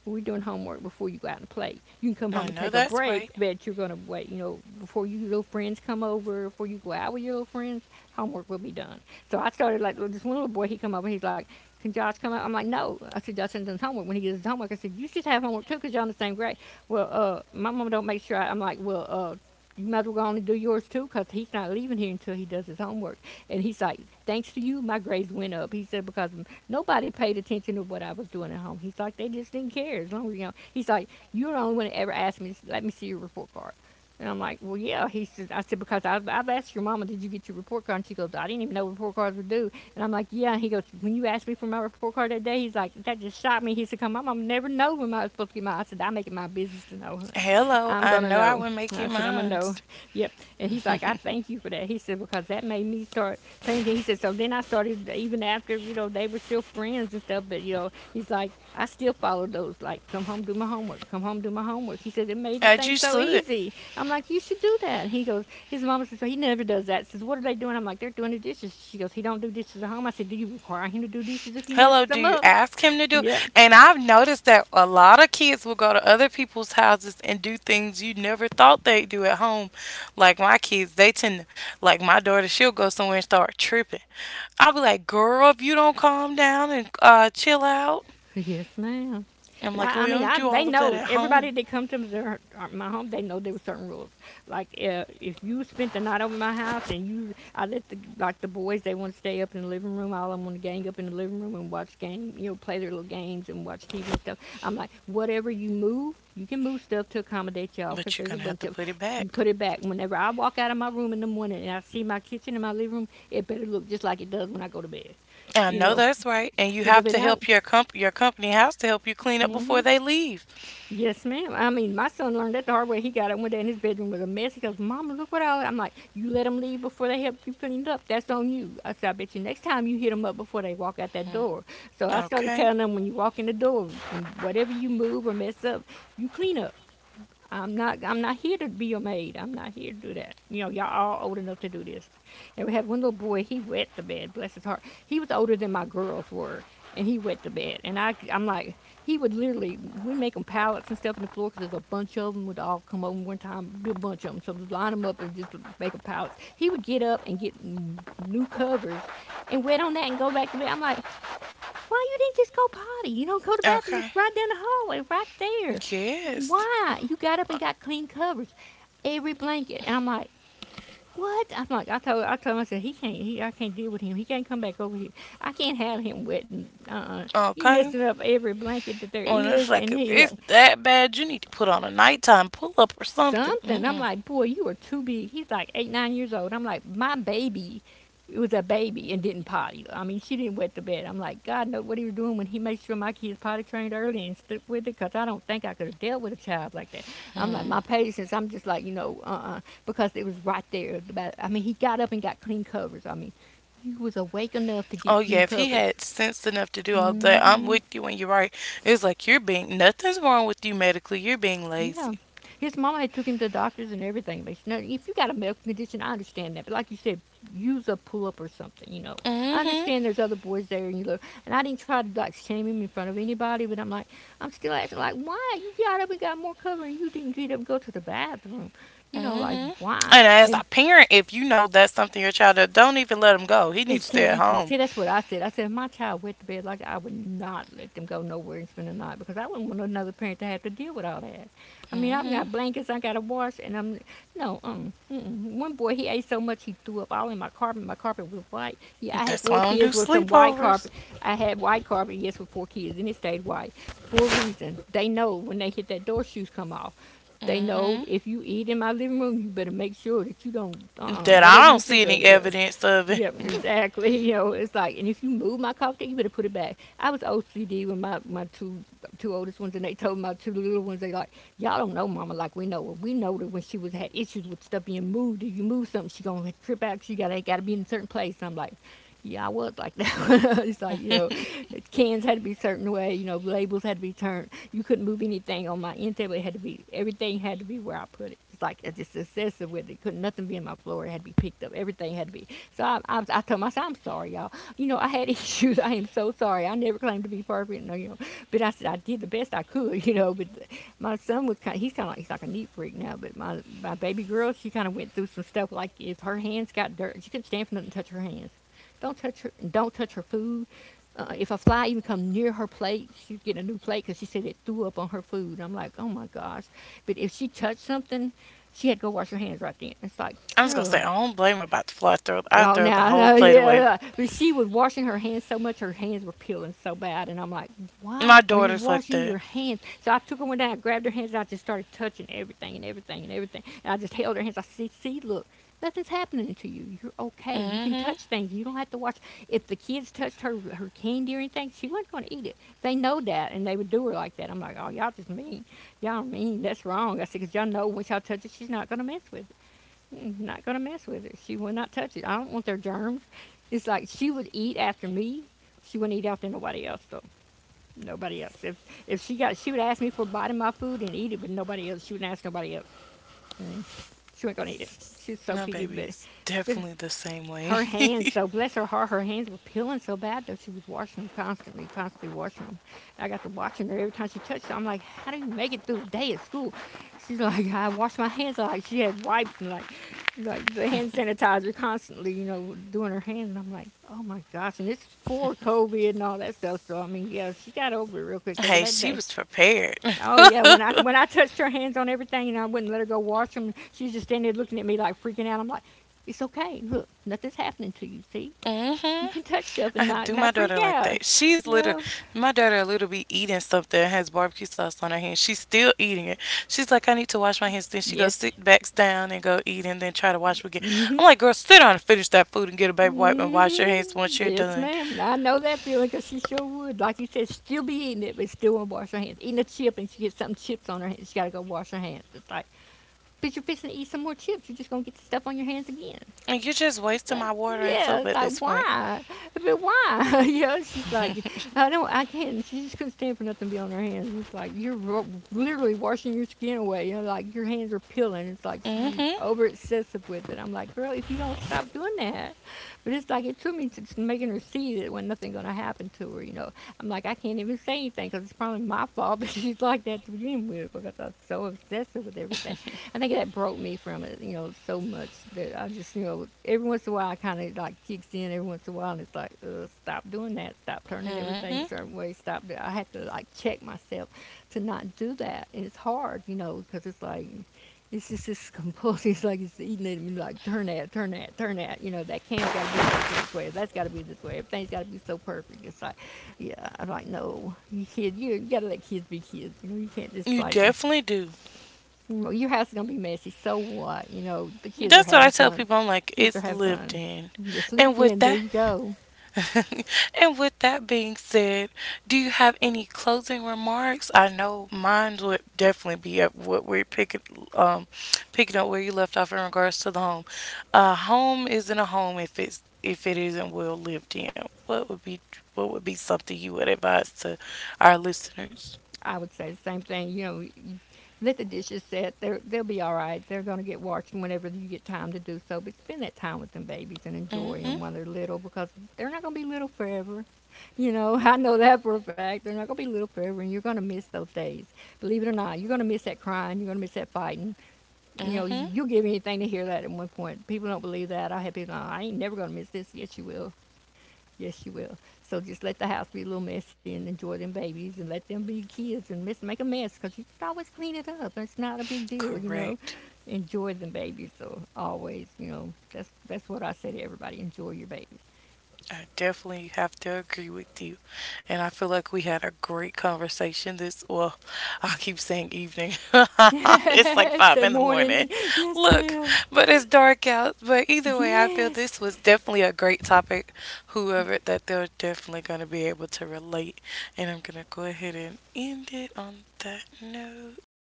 we're doing homework before you go out and play. You can come home I and know take a that's break, right. but you're gonna wait, you know, before your little friends come over, before you go out with your little friends, homework will be done. So I started like this one little boy, he come over, he's like, can Josh come out? I'm like, no. I said, Johnson does homework. When he does his homework, I said, you should have homework too, because you're in the same grade. My mama don't make sure I'm like, you might as well go on and do yours too, 'cause he's not leaving here until he does his homework. And he's like, thanks to you, my grades went up. He said, because nobody paid attention to what I was doing at home. He's like, they just didn't care. As long as, you know, he's like, you're the only one that ever asked me, let me see your report card. And I'm like, well, yeah. He says, I said, because I've asked your mama, did you get your report card? And she goes, I didn't even know report cards were due. And I'm like, yeah. And he goes, when you asked me for my report card that day, he's like, that just shocked me. He said, come, my mom never know when I was supposed to get mine. I said, I make it my business to know, honey. Hello, I'm I going to know I know. would make it I said, I'm gonna mine. know. Yep. And he's like, I thank you for that. He said, because that made me start paying attention. He said, so then I started, even after, you know, they were still friends and stuff, but, you know, he's like, I still followed those, like, come home, do my homework, come home, do my homework. He said, it made it As you things so should. easy. I'm like, you should do that. He goes, his mama says, so he never does that. Says, what are they doing? I'm like, they're doing the dishes. She goes, he don't do dishes at home. I said, do you require him to do dishes if he Hello, messes do them you up? ask him to do it? Yep. And I've noticed that a lot of kids will go to other people's houses and do things you never thought they'd do at home. Like my kids, they tend to, like my daughter, she'll go somewhere and start tripping. I'll be like, girl, if you don't calm down and chill out, Yes, ma'am. I'm But like, I, I we mean, don't I do they all of that know at everybody home, that come to their, my home. They know there were certain rules. Like if you spent the night over my house and you, I let the like the boys. They want to stay up in the living room. All of them want to gang up in the living room and watch game. You know, play their little games and watch TV and stuff. I'm like, whatever you move, you can move stuff to accommodate y'all because but you're there's a gonna have bunch to of. put it You back. put it back. Whenever I walk out of my room in the morning and I see my kitchen and my living room, it better look just like it does when I go to bed. I You know know, that's right, and you because if have it to don't, help your your company house to help you clean up before mm-hmm. they leave. Yes, ma'am. I mean, my son learned that the hard way. He got up one day in his bedroom with a mess. He goes, "Mama, look what I." I'm like, "You let them leave before they help you clean it up. That's on you." I said, "I bet you next time you hit them up before they walk out that door." So I started Okay, telling them when you walk in the door, when whatever you move or mess up, you clean up. I'm not here to be your maid. I'm not here to do that. You know, y'all all old enough to do this. And we had one little boy, he wet the bed, bless his heart. He was older than my girls were, and he wet the bed. And I'm like, he would literally, we make them pallets and stuff in the floor because there's a bunch of them would all come over one time, be a bunch of them. So we'd line them up and just make them pallets. He would get up and get new covers and wet on that and go back to bed. I'm like, why you didn't just go potty? You don't go to the bathroom. okay, It's right down the hallway, right there. yes, Why? You got up uh, and got clean covers, every blanket. And I'm like, what? I'm like, I told him, I said, he can't, he, I can't deal with him. He can't come back over here. I can't have him wet and, he okay. messing up every blanket that there Well, it's is. like And if he, it's that bad, you need to put on a nighttime pull up or something. something. I'm Mm-mm. like, boy, you are too big. He's like eight, 9 years old. I'm like, my baby was a baby and didn't potty. I mean, she didn't wet the bed. I'm like, God knows what he was doing when he made sure my kids potty trained early and stuck with it because I don't think I could have dealt with a child like that. I'm like, my Hmm. patience, I'm just like, you know, uh-uh, because it was right there. About, I mean, he got up and got clean covers. I mean, he was awake enough to get Oh clean yeah, if he covers. had sense enough to do all that, I'm Hmm. with you when you're right. It's like you're being nothing's wrong with you medically. You're being Yeah. lazy. His mama had took him to doctors and everything. But now, if you got a medical condition, I understand that. But like you said, use a pull up or something. You know, Mm I hmm understand there's other boys there, and you look. And I didn't try to like shame him in front of anybody, but I'm like, I'm still asking, like, why you got up and got more cover, and you didn't get up and go to the bathroom? You know, like hmm. why? And as a And parent, if you know that's something your child does, don't even let him go. He needs to stay at exactly. home. See, that's what I said. I said if my child went to bed like that, I would not let them go nowhere and spend the night because I wouldn't want another parent to have to deal with all that. I mean, I've Hmm. got blankets, I got to wash, and I'm no. Mm-mm. One boy he ate so much he threw up all in my carpet. My carpet was white. Yeah, I had That's why four I don't do kids with some white carpet. sleepovers. I had white carpet, yes, with four kids, and it stayed white for a reason. They know when they hit that door, shoes come off. They know Hmm. if you eat in my living room, you better make sure that you don't uh-uh, That whatever I you don't see pick up. any Yeah, evidence of it. yep, exactly. You know, it's like, and if you move my coffee, you better put it back. I was OCD with my two oldest ones, and they told my two little ones, they like, y'all don't know Mama like we know her. We know that when she was had issues with stuff being moved, if you move something, she gonna trip out. She gotta be in a certain place. And I'm like, yeah, I was like that. It's like, you know, I'm cans had to be a certain way, you know, labels had to be turned. You couldn't move anything on my end table. It had to be everything had to be where I put it. It's like it's just excessive with it. Couldn't nothing be in my floor. It had to be picked up. Everything had to be. So I told myself, I'm sorry, y'all. You know, I had issues. I am so sorry. I never claimed to be perfect. No, you know, but I said I did the best I could. You know, but my son was He's kind of like he's like a neat freak now. But my baby girl, she kind of went through some stuff. Like if her hands got dirt, she couldn't stand for nothing to touch her hands. Don't touch her. Don't touch her food if a fly even come near her plate, she'd get a new plate because she said it threw up on her food. I'm like, oh my gosh. But if she touched something, she had to go wash her hands right then. It's like, just gonna say girl, I don't blame her about the fly. I oh, throw the now, whole no, plate away. yeah. But she was washing her hands so much, her hands were peeling so bad. And I'm like, why My are you daughter's like washing your that. hands? So I took her one down, I grabbed her hands, and I just started touching everything and everything and everything. And I just held her hands. I said, see, look, nothing's happening to you. You're okay. You can Hmm. touch things. You don't have to watch. If the kids touched her, her candy or anything, she wasn't going to eat it. They know that, and they would do her like that. I'm like, oh, y'all just mean. Y'all mean. That's wrong. I said, because y'all know once y'all touch it, she's not going to mess with it not going to mess with it. She will not touch it. I don't want their germs. It's like she would eat after me. She wouldn't eat after nobody else, though. Nobody else. If she got, She would ask me for a bite of my food and eat it, but nobody else. She wouldn't ask nobody else. Mm. She wasn't going to eat it. She's so My picky, baby but is But definitely the same way. her hands, though, bless her heart, her hands were peeling so bad that she was washing them constantly, constantly washing them. And I got to watching her every time she touched them. I'm like, how do you make it through the day at school? She's like, I wash my hands. She had wipes, like the hand sanitizer constantly, doing her hands. And I'm like, oh my gosh. And it's for COVID and all that stuff. So I mean, yeah, she got over it real quick though, well, Hey, that she day. was prepared. Oh yeah, when I touched her hands on everything and I wouldn't let her go wash them, she was just standing there looking at me like freaking out. I'm like, it's okay. Look, nothing's happening to you. See, Hmm. you can touch stuff I and have not do not my freak daughter like out. that. She's You little. know? My daughter little be eating something that has barbecue sauce on her hand. She's still eating it. She's like, I need to wash my hands. Then she goes Yes. sit backs down and go eat, and then try to wash again. I'm like, girl, sit down and finish that food and get a baby wipe and wash your hands Mm-hmm. once you're Yes, done. ma'am. I know that feeling 'cause she sure would. Like you said, still be eating it, but still won't wash her hands. Eating a chip and she gets some chips on her hands. She got to go wash her hands. It's like, but you're fixing to eat some more chips. You're just going to get the stuff on your hands again. And you're just It's wasting like, my water and yeah, soap it's at like, this point. why? But why? She's like, I can't. She just couldn't stand for nothing to be on her hands. It's like, you're literally washing your skin away. Like your hands are peeling. It's like you're Mm-hmm. over excessive with it. I'm like, girl, if you don't stop doing that. But it's like, it took me to making her see that when nothing going to happen to her, I'm like, I can't even say anything because it's probably my fault, but she's like that to begin with because I was so obsessive with everything. I think that broke me from it, so much that I just, every once in a while I kind of like kicks in every once in a while, and it's like, stop doing that, stop turning everything a Mm-hmm. certain way, stop. That. I have to like check myself to not do that, and it's hard, because it's like. It's just this compulsive, it's like it's eating at me, like turn that, turn that, turn that. You know, that can's got to be facing this way, that's got to be this way, everything's got to be so perfect. It's like, yeah, I'm like, no, you gotta let kids be kids. You know, you can't just You like definitely do. well, your house is gonna be messy. So what? You know, the kids are That's what I having tell fun. people. I'm like, Kids are it's having lived fun. in, It's and lived with in. There that, you go. and with that being said, do you have any closing remarks? I know mine would definitely be up what we're picking, um, picking up where you left off in regards to the home. A home isn't a home if it's if it isn't well lived in. What would be something you would advise to our listeners? I would say the same thing. You let the dishes set. They'll be all right. They're gonna get washed whenever you get time to do so. But spend that time with them babies and enjoy Mm-hmm. them while they're little because they're not gonna be little forever. You know, I know that for a fact. They're not gonna be little forever, and you're gonna miss those days. Believe it or not, you're gonna miss that crying. You're gonna miss that fighting, you know, Mm-hmm. you'll give anything to hear that at one point. People don't believe that. I have people, "Oh, I ain't never going to miss this. Yes, you will. Yes, you will." So just let the house be a little messy and enjoy them babies and let them be kids and make a mess because you can always clean it up. It's not a big deal, you know. Correct. Enjoy them babies. So always, you know, that's what I say to everybody. Enjoy your babies. I definitely have to agree with you. And I feel like we had a great conversation this, well, I keep saying evening. It's like Yes, five that in the morning. morning. Yes, Look, ma'am. but it's dark out. But either way, I feel Yes. this was definitely a great topic. Whoever that they're definitely going to be able to relate. And I'm going to go ahead and end it on that note. Let Mm-hmm. me